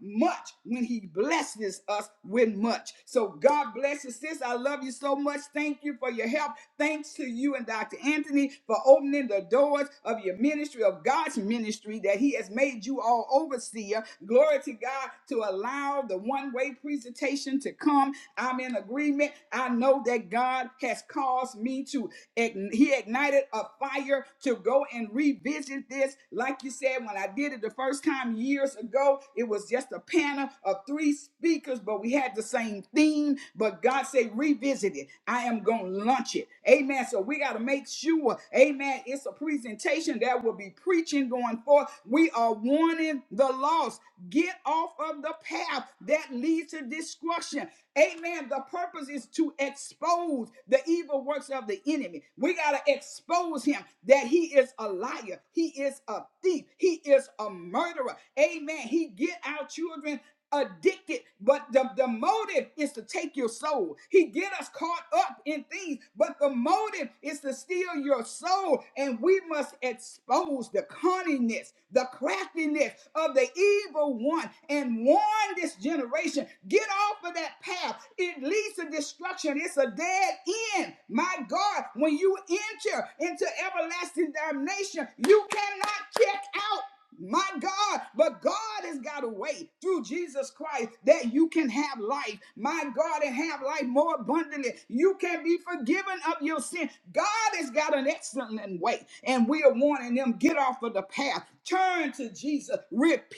S2: much when he blesses us with much. So God bless you, sis. I love you so much. Thank you for your help. Thanks to you and Dr. Anthony for opening the doors of your ministry, of God's ministry that he has made you all overseer. Glory to God to allow the one-way presentation to come. I'm in agreement. I know that God has caused me to ign- he ignited a fire to go and revisit this like you said, when I did it the first time years ago, it was just a panel of three speakers, but we had the same theme. But God said, revisit it. I am going to launch it. Amen. So we got to make sure, amen, it's a presentation that will be preaching going forth. We are warning the lost. Get off of the path that leads to destruction. Amen. The purpose is to expose the evil works of the enemy. We got to expose him that he is a liar. He is a thief. He is a murderer. Amen. He get our children addicted but the, the motive is to take your soul he get us caught up in things but the motive is to steal your soul and we must expose the cunningness, the craftiness of the evil one and warn this generation get off of that path. It leads to destruction, it's a dead end. My God, when you enter into everlasting damnation, you cannot check out. My God, but God has got a way through Jesus Christ that you can have life. My God, and have life more abundantly. You can be forgiven of your sin. God has got an excellent way, and we are warning them get off of the path, turn to Jesus, repent.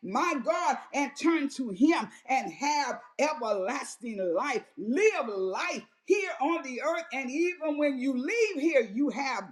S2: My God, and turn to Him and have everlasting life. Live life here on the earth, and even when you leave here, you have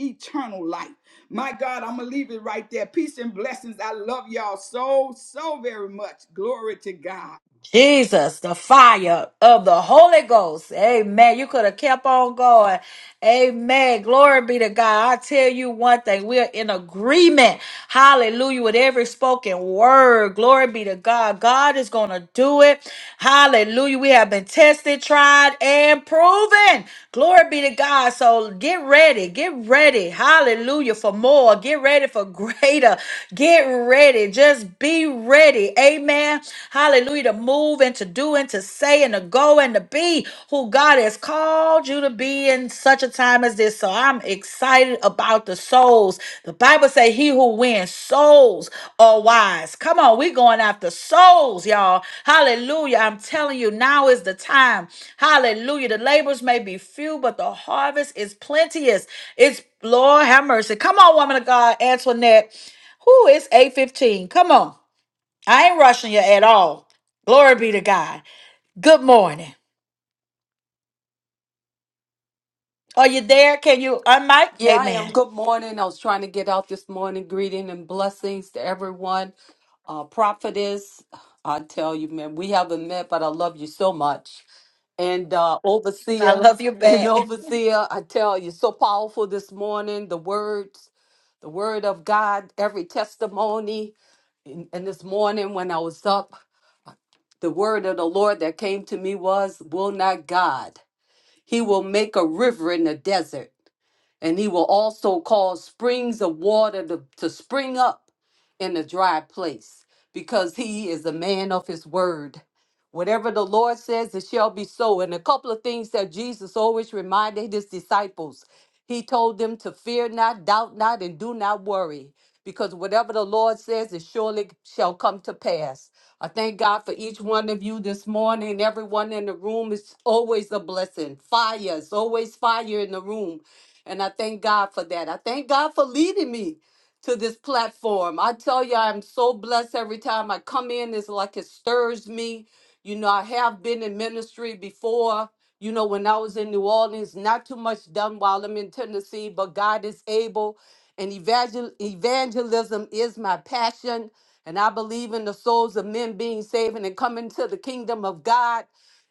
S2: eternal life. My God, I'm going to leave it right there. Peace and blessings. I love y'all so, so very much. Glory to God.
S1: Jesus, the fire of the Holy Ghost. Amen. You could have kept on going. Amen. Glory be to God. I tell you one thing. We're in agreement. Hallelujah. With every spoken word. Glory be to God. God is going to do it. Hallelujah. We have been tested, tried, and proven. Glory be to God. So get ready. Get ready. Hallelujah. For more. Get ready for greater. Get ready. Just be ready. Amen man, hallelujah, to move and to do and to say and to go and to be who God has called you to be in such a time as this. So I'm excited about the souls. The Bible say he who wins souls are wise. Come on, we are going after souls, y'all. Hallelujah. I'm telling you, now is the time. Hallelujah. The labors may be few, but the harvest is plenteous. It's Lord have mercy. Come on, woman of God, Antoinette. Who is 815? Come on. I ain't rushing you at all. Glory be to God. Good morning. Are you there? Can you unmic?
S8: Yeah, I am.
S1: Amen.
S8: Good morning. I was trying to get out this morning. Greeting and blessings to everyone. Uh, prophetess, I tell you, man, we haven't met, but I love you so much. And uh,
S1: I
S8: overseer,
S1: love you
S8: and
S1: back.
S8: overseer, I tell you, so powerful this morning. The words, the word of God, every testimony. And, and this morning when I was up, the word of the Lord that came to me was, "Will not God? He will make a river in the desert." and he will also cause springs of water to, to spring up in a dry place because he is a man of his word whatever the lord says it shall be so and a couple of things that jesus always reminded his disciples he told them to fear not doubt not and do not worry because whatever the lord says it surely shall come to pass i thank god for each one of you this morning everyone in the room is always a blessing fire is always fire in the room and I thank God for that. I thank God for leading me to this platform. I tell you, I'm so blessed every time I come in. It's like it stirs me. You know, I have been in ministry before. You know, when I was in New Orleans, not too much done while I'm in Tennessee, but God is able. And evangel- evangelism is my passion. And I believe in the souls of men being saved and coming to the kingdom of God.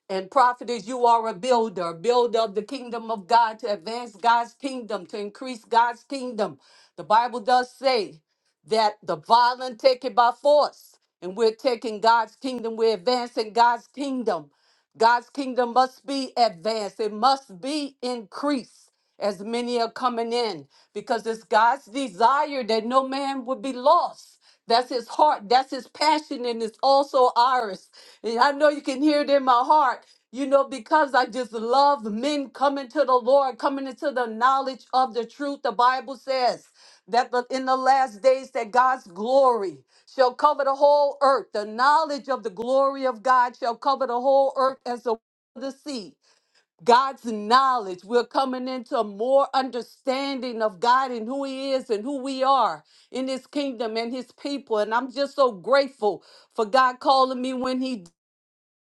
S8: And prophetess, you are a builder, builder of the kingdom of God to advance God's kingdom, to increase God's kingdom. The Bible does say that the violent take it by force, and we're taking God's kingdom, we're advancing God's kingdom. God's kingdom must be advanced, it must be increased as many are coming in because it's God's desire that no man would be lost. That's his heart, that's his passion, and it's also ours. And I know you can hear it in my heart, you know, because I just love men coming to the Lord, coming into the knowledge of the truth. The Bible says that the- in the last days that God's glory shall cover the whole earth. The knowledge of the glory of God shall cover the whole earth as the the sea. God's knowledge. We're coming into more understanding of God and who He is and who we are in His kingdom and His people. And I'm just so grateful for God calling me when He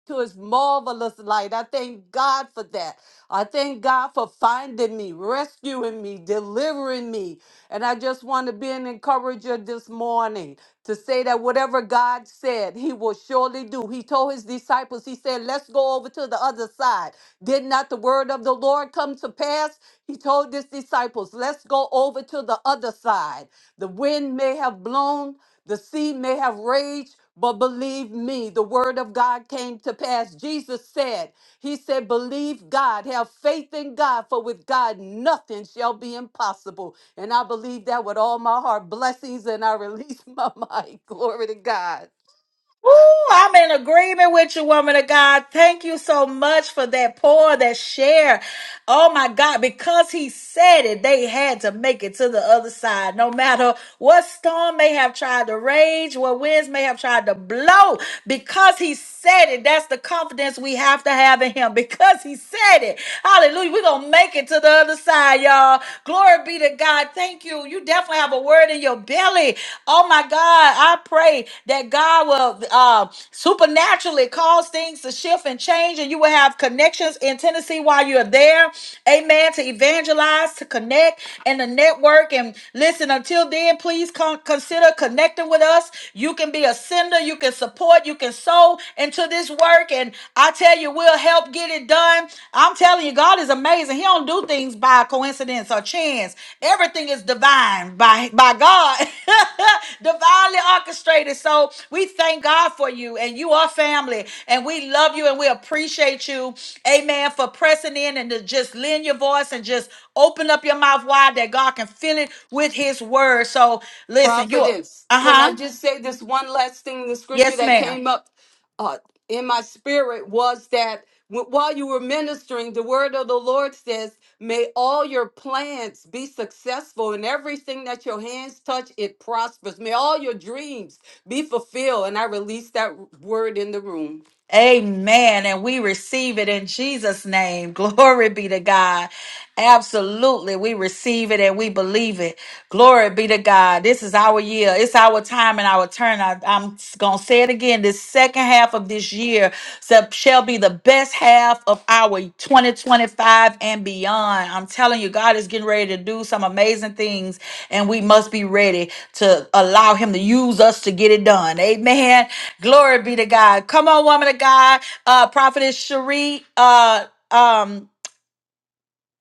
S8: to his marvelous light. I thank God for that. I thank God for finding me, rescuing me, delivering me. And I just want to be an encourager this morning to say that whatever God said, he will surely do. He told his disciples, he said, let's go over to the other side. Did not the word of the Lord come to pass? He told his disciples, let's go over to the other side. The wind may have blown, the sea may have raged, but believe me, the word of God came to pass. Jesus said, He said, Believe God, have faith in God, for with God nothing shall be impossible. And I believe that with all my heart. Blessings, and I release my mind. Glory to God.
S1: Ooh, I'm in agreement with you, woman of God. Thank you so much for that pour, that share. Oh my God, because he said it, they had to make it to the other side. No matter what storm may have tried to rage, what winds may have tried to blow, because he said it, that's the confidence we have to have in him. Because he said it, hallelujah, we're going to make it to the other side, y'all. Glory be to God to God. Thank you. You definitely have a word in your belly. Oh my God. I pray that God will uh, supernaturally cause things to shift and change, and you will have connections in Tennessee while you're there. Amen. To evangelize, to connect, and to network. And listen, until then, please con- consider connecting with us. You can be a sender, you can support, you can sow into this work. And I tell you, you will help get it done. I'm telling you, God is amazing. He don't do things by coincidence or chance. Everything is divine by by God, divinely orchestrated. So we thank God for you, and you are family, and we love you, and we appreciate you. Amen. For pressing in and to just lend your voice and just open up your mouth wide that God can fill it with His word. So listen, you. Uh
S8: Prophetess, can I
S1: huh.
S8: just say this one last thing? The scripture
S1: Yes,
S8: that
S1: ma'am.
S8: came up uh, in my spirit was that wh- while you were ministering, the word of the Lord says, May all your plans be successful, and everything that your hands touch, it prospers. May all your dreams be fulfilled. And I released that word in the room.
S1: Amen. And we receive it in Jesus' name. Glory be to God. Absolutely. We receive it and we believe it. Glory be to God. This is our year. It's our time and our turn. I, am going to say it again. This second half of this year shall shall be the best half of our 2025 and beyond. I'm telling you, God is getting ready to do some amazing things, and we must be ready to allow Him to use us to get it done. Amen. Glory be to God. Come on, woman of God. Uh, Prophetess Cherie. Uh, um,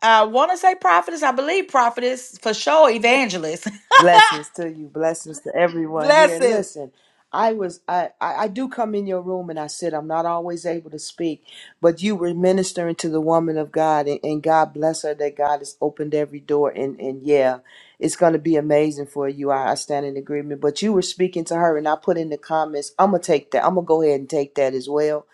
S1: I want to say prophetess. I believe prophetess for sure. Evangelist.
S9: Blessings to you. Blessings to everyone here.
S1: Blessings.
S9: Listen, I was I, I I do come in your room and I sit. I'm not always able to speak, but you were ministering to the woman of God and, and God bless her that God has opened every door and and yeah, it's gonna be amazing for you. I, I stand in agreement. But you were speaking to her and I put in the comments, I'm gonna take that. I'm gonna go ahead and take that as well.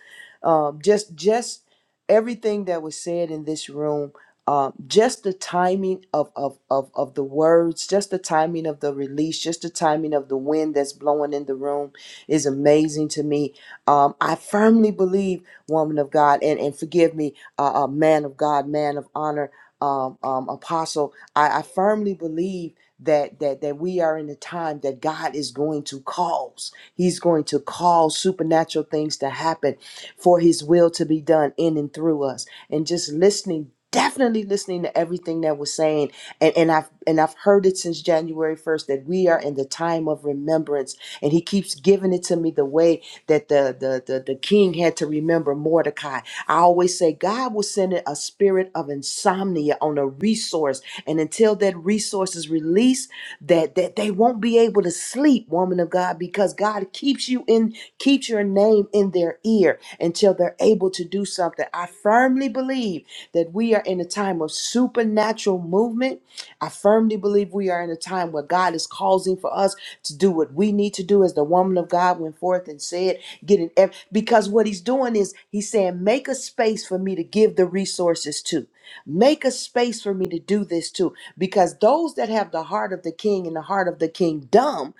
S9: Um just just everything that was said in this room um, just the timing of, of, of, of the words, just the timing of the release, just the timing of the wind that's blowing in the room is amazing to me. Um, I firmly believe, woman of God, and, and forgive me, uh, uh, man of God, man of honor, um, um, apostle, I, I firmly believe that, that that we are in a time that God is going to cause. He's going to cause supernatural things to happen for his will to be done in and through us and just listening definitely listening to everything that was saying and, and i've and i've heard it since january 1st that we are in the time of remembrance and he keeps giving it to me the way that the the the, the king had to remember mordecai i always say god will send it a spirit of insomnia on a resource and until that resource is released that that they won't be able to sleep woman of god because god keeps you in keeps your name in their ear until they're able to do something. I firmly believe that we are in a time of supernatural movement. I firmly believe we are in a time where God is causing for us to do what we need to do, as the woman of God went forth and said, getting ev- because what he's doing is he's saying, make a space for me to give the resources to. Make a space for me to do this too, because those that have the heart of the king and the heart of the kingdom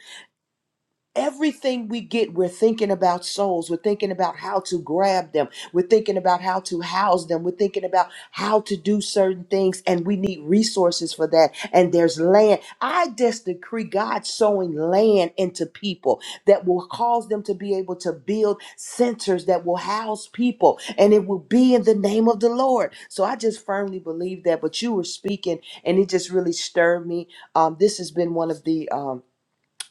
S9: Everything we get, we're thinking about souls. We're thinking about how to grab them. We're thinking about how to house them. We're thinking about how to do certain things, and we need resources for that. And there's land. I just decree God sowing land into people that will cause them to be able to build centers that will house people, and it will be in the name of the Lord. So I just firmly believe that. But you were speaking, and it just really stirred me. Um, this has been one of the. Um,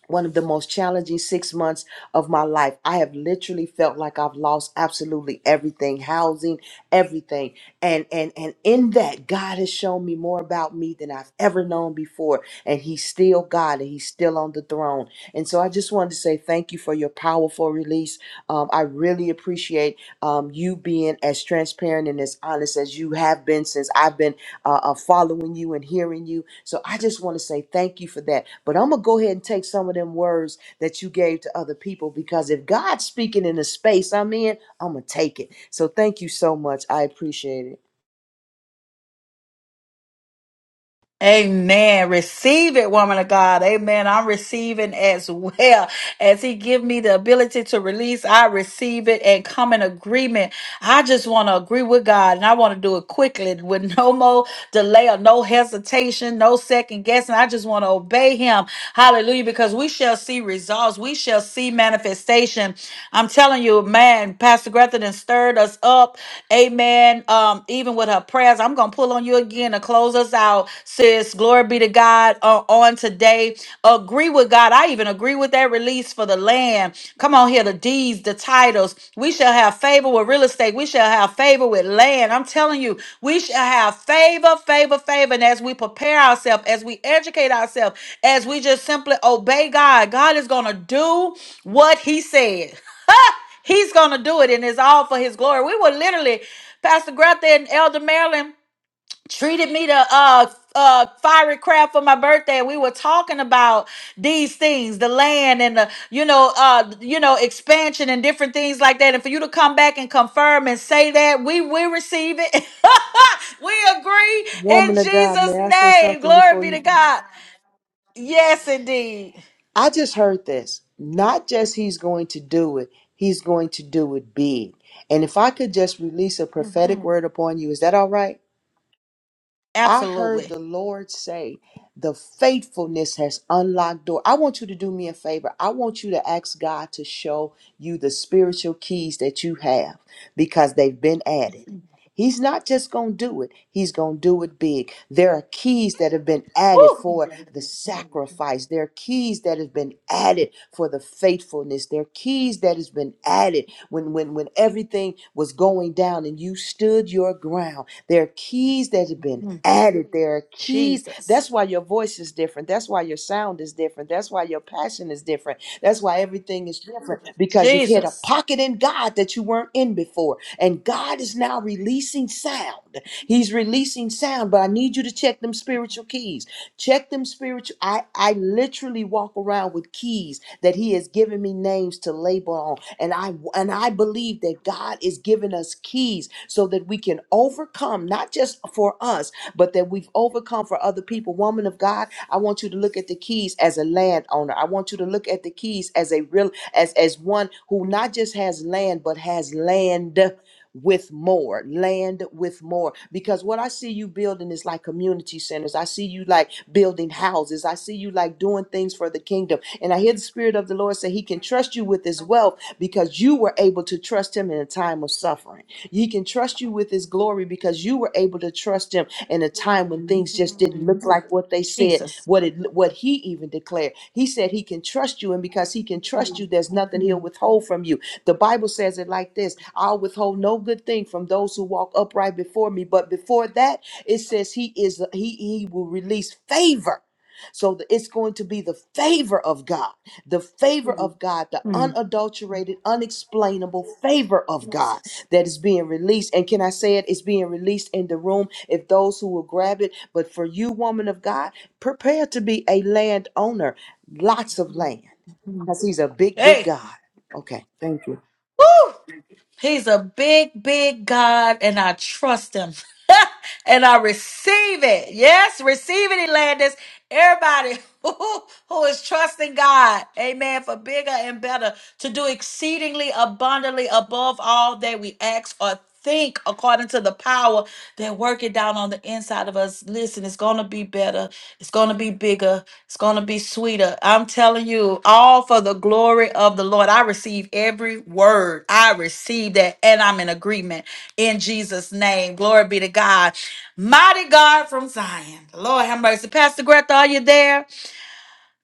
S9: one of the most challenging six months of my life. I have literally felt like I've lost absolutely everything, housing, everything. And and and in that, God has shown me more about me than I've ever known before. And he's still God and he's still on the throne. And so I just wanted to say thank you for your powerful release. Um, I really appreciate um, you being as transparent and as honest as you have been since I've been uh, uh, following you and hearing you. So I just want to say thank you for that. But I'm going to go ahead and take some of them words that you gave to other people because if God's speaking in the space I'm in, I'm going to take it. So thank you so much. I appreciate it.
S1: Amen. Receive it, woman of God. Amen. I'm receiving as well. As he give me the ability to release, I receive it and come in agreement. I just want to agree with God and I want to do it quickly with no more delay or no hesitation, no second guessing. I just want to obey him. Hallelujah. Because we shall see results. We shall see manifestation. I'm telling you, man, Pastor Grethel done stirred us up. Amen saying? Um, even with her prayers, I'm gonna pull on you again to close us out, sis. Glory be to God uh, on today. Agree with God. I even agree with that release for the land. Come on here, the deeds, the titles. We shall have favor with real estate. We shall have favor with land. I'm telling you, we shall have favor, favor, favor. And as we prepare ourselves, as we educate ourselves, as we just simply obey God, God is gonna do what He says. He's gonna do it, and it's all for His glory. We were literally, Pastor Greta and Elder Marilyn treated me to uh uh fiery crab for my birthday. We were talking about these things, the land and the you know uh you know expansion and different things like that. And for you to come back and confirm and say that we we receive it, we agree in
S9: Woman of God, may
S1: Jesus'
S9: I say
S1: name.
S9: something
S1: Glory
S9: before
S1: be to
S9: you?
S1: God. Yes, indeed,
S9: I just heard this. Not just he's going to do it, he's going to do it big. And if I could just release a prophetic word upon you, is that all right? I heard
S1: absolutely.
S9: the Lord say, the faithfulness has unlocked door. I want you to do me a favor. I want you to ask God to show you the spiritual keys that you have because they've been added. He's not just going to do it, he's going to do it big. There are keys that have been added
S1: Woo.
S9: for the
S1: Mm.
S9: sacrifice. There are keys that have been added for the faithfulness. There are keys that has been added when when when everything was going down and you stood your ground. There are keys that have been
S1: Mm.
S9: added. There are keys.
S1: Jesus.
S9: That's why your voice is different. That's why your sound is different. That's why your passion is different that's why everything is different because you've hit a
S1: Jesus.
S9: pocket in God that you weren't in before. And God is now releasing sound. He's releasing sound, but I need you to check them spiritual keys. Check them spiritual. I, I literally walk around with keys that He has given me names to label on. And I and I believe that God is giving us keys so that we can overcome, not just for us, but that we've overcome for other people. Woman of God, I want you to look at the keys as a landowner. I want you to look at the keys as a real as as one who not just has land, but has land with more, land with more. Because what I see you building is like community centers. I see you like building houses. I see you like doing things for the kingdom. And I hear the Spirit of the Lord say He can trust you with His wealth because you were able to trust Him in a time of suffering. He can trust you with His glory because you were able to trust Him in a time when things just didn't
S1: Mm.
S9: look like what they said,
S1: Jesus.
S9: what it what He even declared. He said He can trust you, and because He can trust you, there's nothing He'll
S1: Mm.
S9: withhold from you the Bible says it like this I'll withhold no good thing from those who walk upright before me. But before that, it says he is he, he will release favor. So the- it's going to be the favor of God, the favor Mm. of God, the
S1: Mm.
S9: unadulterated, unexplainable favor of God
S1: Jesus.
S9: that is being released. And can I say it? It's being released in the room if those who will grab it. But for you, woman of God, prepare to be a landowner, lots of land,
S1: Mm.
S9: because he's a big, big
S1: Hey,
S9: God. Okay, thank you.
S1: woo! He's a big, big God, and I trust him. and I receive it. Yes, receive it, Elandis. Everybody who, who is trusting God, amen, for bigger and better, to do exceedingly abundantly above all that we ask or think according to the power that working down on the inside of us. Listen, it's going to be better. It's going to be bigger bigger. It's going to be sweeter. I'm telling you, all for the glory of the Lord. I receive every word. I receive that, and I'm in agreement in Jesus' name. Glory be to God. Mighty God from Zion. Lord have mercy. Pastor Greta, are you there?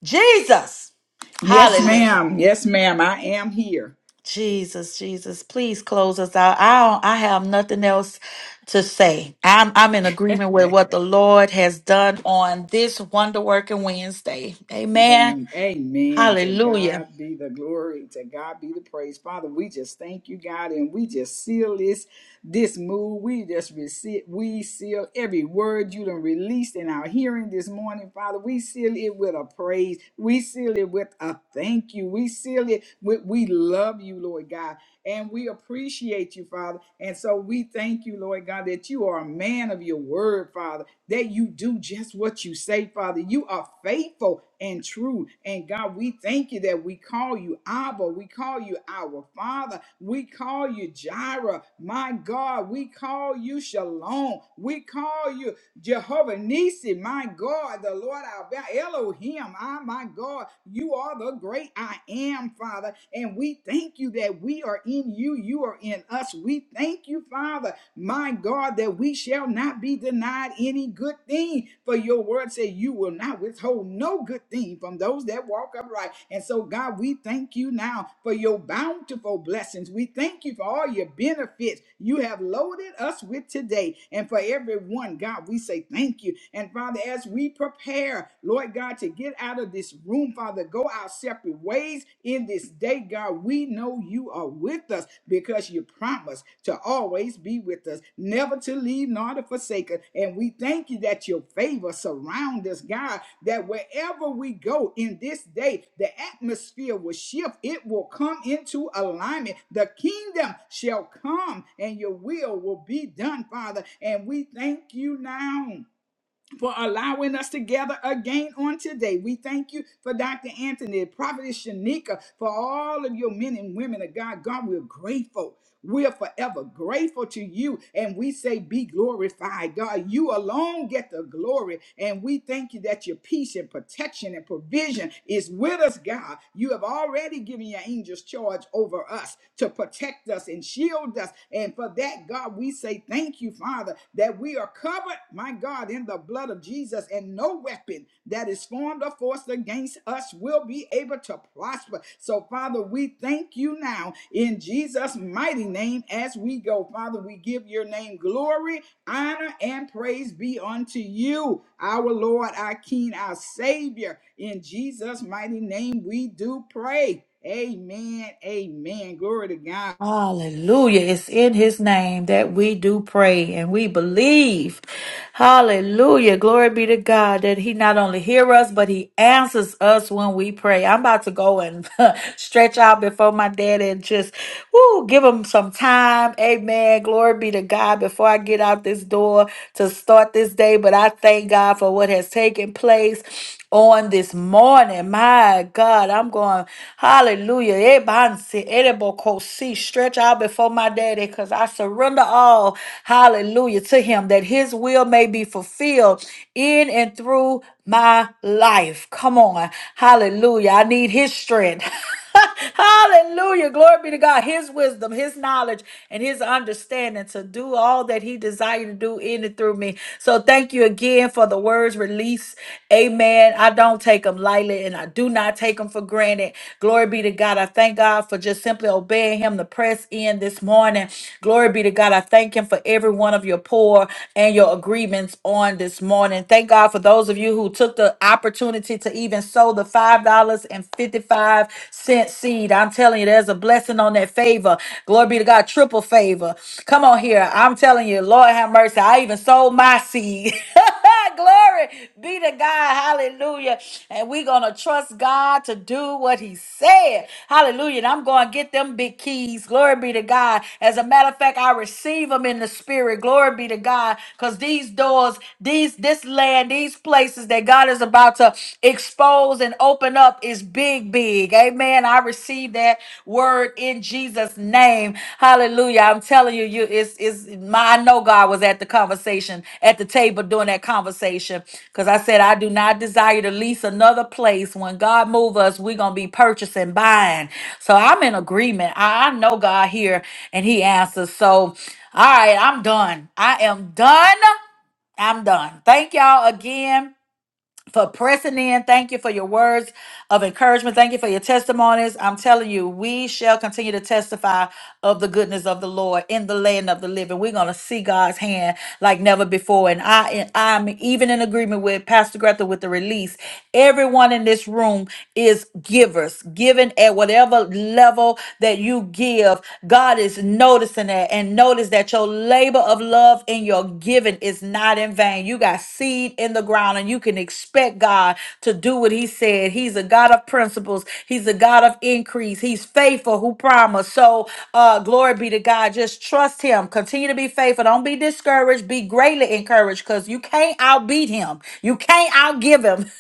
S1: Jesus.
S2: Yes,
S1: Hallelujah.
S2: ma'am. Yes, ma'am. I am here.
S1: Jesus, Jesus, please close us out. I don't, I have nothing else to say. I'm I'm in agreement with what the Lord has done on this wonder working Wednesday. Amen.
S2: Amen. Amen. To
S1: Hallelujah.
S2: God be the glory. To God be the praise. Father, we just thank you, God, and we just seal this this move. We just receive, we seal every word you done released in our hearing this morning, Father. We seal it with a praise. We seal it with a thank you. We seal it with we love you, Lord God, and we appreciate you, Father. And so we thank you, Lord God, that you are a man of your word, Father that you do just what you say, Father. You are faithful and true. And God, we thank you that we call you Abba. We call you our Father. We call you Jireh. My God, we call you Shalom. We call you Jehovah Nisi, my God, the Lord our ba- Elohim, I, my God, you are the great I am, Father. And we thank you that we are in you, you are in us. We thank you, Father, my God, that we shall not be denied any good thing. For your word said you will not withhold no good thing from those that walk walk upright. And so, God, we thank you now for your bountiful blessings. We thank you for all your benefits you have loaded us with today. And for everyone, God, we say thank you. And Father, as we prepare, Lord God, to get out of this room, Father, go our separate ways in this day, God, we know you are with us because you you promised to always be with us, never to leave nor to forsake us. And we thank you that your favor surrounds us, God, that wherever we go in this day, the atmosphere will shift. It will come into alignment. The kingdom shall come and your will will be done, Father. And we thank you now for allowing us together again on today. We thank you for Dr. Anthony, Prophetess Shanika, for all of your men and women of God. God, we're grateful. We are forever grateful to you, and we say, Be glorified, God. You alone get the glory, and we thank you that your peace and protection and provision is with us, God. You have already given your angels charge over us to protect us and shield us, and for that, God, we say, Thank you Thank you, Father, that we are covered, my God, in the blood of Jesus, and no weapon that is formed or forced against us will be able to prosper. So, Father, we thank you now in Jesus' mighty name as we go. Father, we give your name glory, honor, and praise be unto you, our Lord, our King, our Savior. In Jesus' mighty name, we do pray. Amen. Amen. Glory to God.
S1: Hallelujah. It's in his name that we do pray and we believe. Hallelujah. Glory be to God that he not only hears us, but he answers us when we pray. I'm about to go and stretch out before my daddy, and just woo, give him some time. Amen. Glory be to God before I get out this door to start this day. But I thank God for what has taken place. on this morning. My God, I'm going, hallelujah. Ebansi, erebokosi, Stretch out before my daddy because I surrender all, hallelujah, to him that his will may be fulfilled in and through my life. Come on, hallelujah. I need his strength. Hallelujah. Glory be to God. His wisdom, his knowledge, and his understanding to do all that he desired to do in and through me. So thank you again for the words released. Amen. I don't take them lightly and I do not take them for granted. Glory be to God. I thank God for just simply obeying him to press in this morning. Glory be to God. I thank him for every one of your poor and your agreements on this morning. Thank God for those of you who took the opportunity to even sow sow the $5.55 seed. I'm telling you, there's a blessing on that favor. Glory be to God, triple favor. Come on here. I'm telling you, Lord have mercy. I even sold my seed. Glory be to God. Hallelujah. And we're going to trust God to do what He said. Hallelujah. And I'm going to get them big keys. Glory be to God. As a matter of fact, I receive them in the spirit. Glory be to God. Because these doors, these, this land, these places, places that God is about to expose and open up is big, big. Amen. I receive that word in Jesus' name. Hallelujah. I'm telling you, you it's it's my I know God was at the conversation, at the table during that conversation. Because I said, I do not desire to lease another place. When God move us, we're gonna be purchasing, buying. So I'm in agreement. I, I know God here and He answers. So all right, I'm done. I am done. I'm done. Thank y'all again for pressing in. Thank you for your words of encouragement. Thank you for your testimonies. I'm telling you, we shall continue to testify of the goodness of the Lord in the land of the living. We're going to see God's hand like never before. And I, and I'm even in agreement with Pastor Greta with the release. Everyone in this room is givers, giving at whatever level that you give. God is noticing that and notice that your labor of love and your giving is not in vain. You got seed in the ground and you can expect God to do what he said. He's a God of principles. He's a God of increase. He's faithful who promised. So uh glory be to God. Just trust him. Continue to be faithful. Don't be discouraged. Be greatly encouraged because you can't outbeat him. You can't outgive him.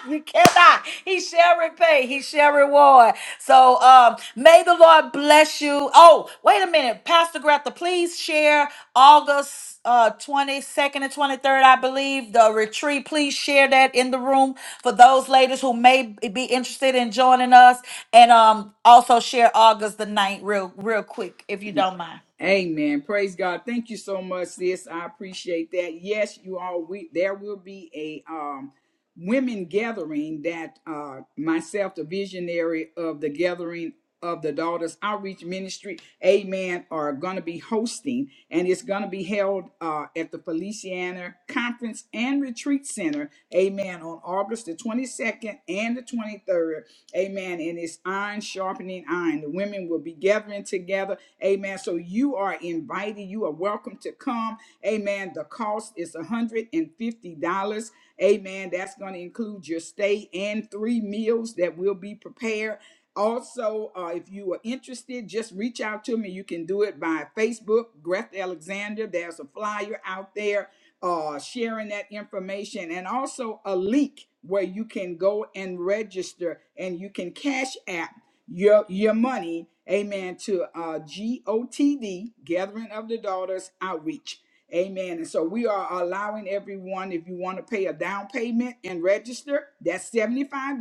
S1: you cannot. He shall repay. He shall reward. So um, may the Lord bless you. Oh, wait a minute. Pastor Greta, please share August uh, 22nd and 23rd, I believe, the retreat. Please share that in the room for those ladies who may be interested in joining us. And um, also share August the 9th real, real quick, if you don't mind.
S2: Amen. Praise God. Thank you so much, sis. I appreciate that. Yes, you all we there will be a um women gathering that uh myself, the visionary of the gathering of the daughters outreach ministry, amen, are gonna be hosting and it's gonna be held uh at the Feliciana Conference and Retreat Center, amen, on August the 22nd and the 23rd. Amen. And it's iron sharpening iron. The women will be gathering together. Amen. So you are invited. You are welcome to come. Amen. The cost is $150. Amen. That's going to include your stay and three meals that will be prepared. Also, uh, if you are interested, just reach out to me. You can do it by Facebook, Greth Alexander. There's a flyer out there uh, sharing that information, and also a link where you can go and register and you can cash app your your money, amen, to uh, GOTD, Gathering of the Daughters Outreach. Amen. And so we are allowing everyone, if you want to pay a down payment and register, that's $75.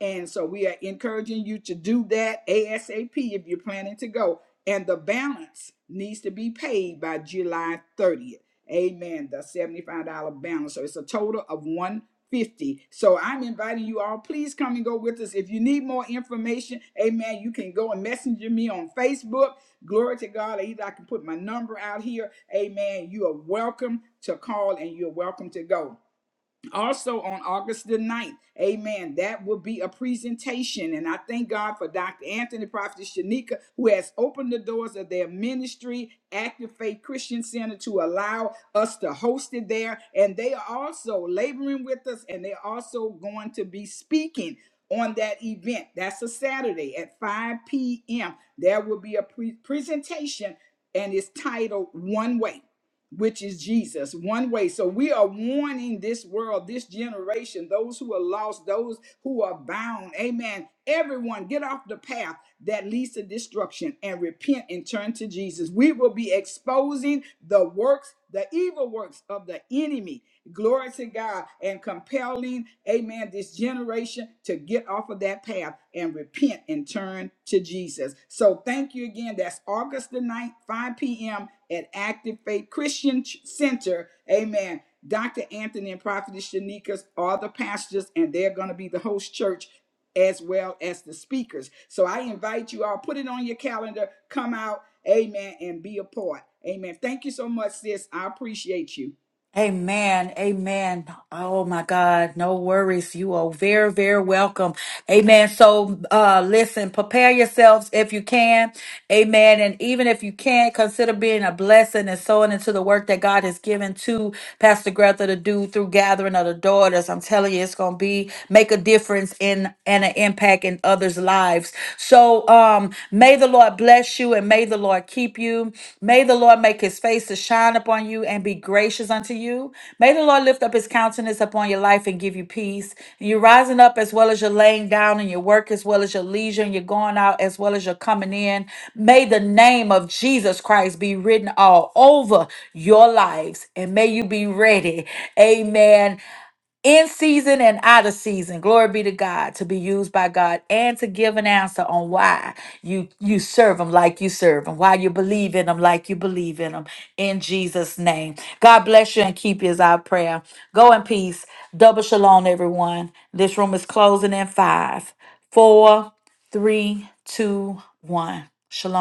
S2: And so we are encouraging you to do that ASAP if you're planning to go. And the balance needs to be paid by July 30th. Amen. The $75 balance. So it's a total of 150. So I'm inviting you all. Please come and go with us. If you need more information, amen, you can go and messenger me on Facebook. Glory to God. Either I can put my number out here. Amen. You are welcome to call and you're welcome to go also on August the ninth, Amen. That will be a presentation. And I thank God for Dr. Anthony, Prophet Shanika, who has opened the doors of their ministry, Active Faith Christian Center, to allow us to host it there. And they are also laboring with us and they're also going to be speaking. On that event, that's a Saturday at 5 p.m. There will be a pre- presentation, and it's titled "One Way." which is Jesus, one way. So we are warning this world, this generation, those who are lost, those who are bound. Amen. Everyone, get off the path that leads to destruction and repent and turn to Jesus. We will be exposing the works, the evil works of the enemy Glory to God and compelling, amen, this generation to get off of that path and repent and turn to Jesus. So thank you again. That's August the ninth, 5 p.m. at Active Faith Christian Ch- Center. Amen. Dr. Anthony and Prophetess Shanikas are the pastors, and they're going to be the host church as well as the speakers. So I invite you all, put it on your calendar, come out, amen, and be a part. Amen. Thank you so much, sis. I appreciate you.
S1: Amen. Amen. Oh my God. No worries. You are very, very welcome. Amen. So, uh, listen, prepare yourselves if you can. Amen. And even if you can't, consider being a blessing and sowing into the work that God has given to Pastor Greta to do through gathering of the daughters. I'm telling you, it's going to be, make a difference in, and an impact in others' lives. So, um, May the Lord bless you and may the Lord keep you. May the Lord make his face to shine upon you and be gracious unto you. May the Lord lift up his countenance upon your life and give you peace. And you're rising up as well as you're laying down, and your work as well as your leisure, and you're going out as well as you're coming in. May the name of Jesus Christ be written all over your lives and may you be ready. Amen in season and out of season glory be to god to be used by god and to give an answer on why you you serve him like you serve him why you believe in him like you believe in him in jesus name god bless you and keep you is our prayer go in peace double shalom everyone this room is closing in five four three two one shalom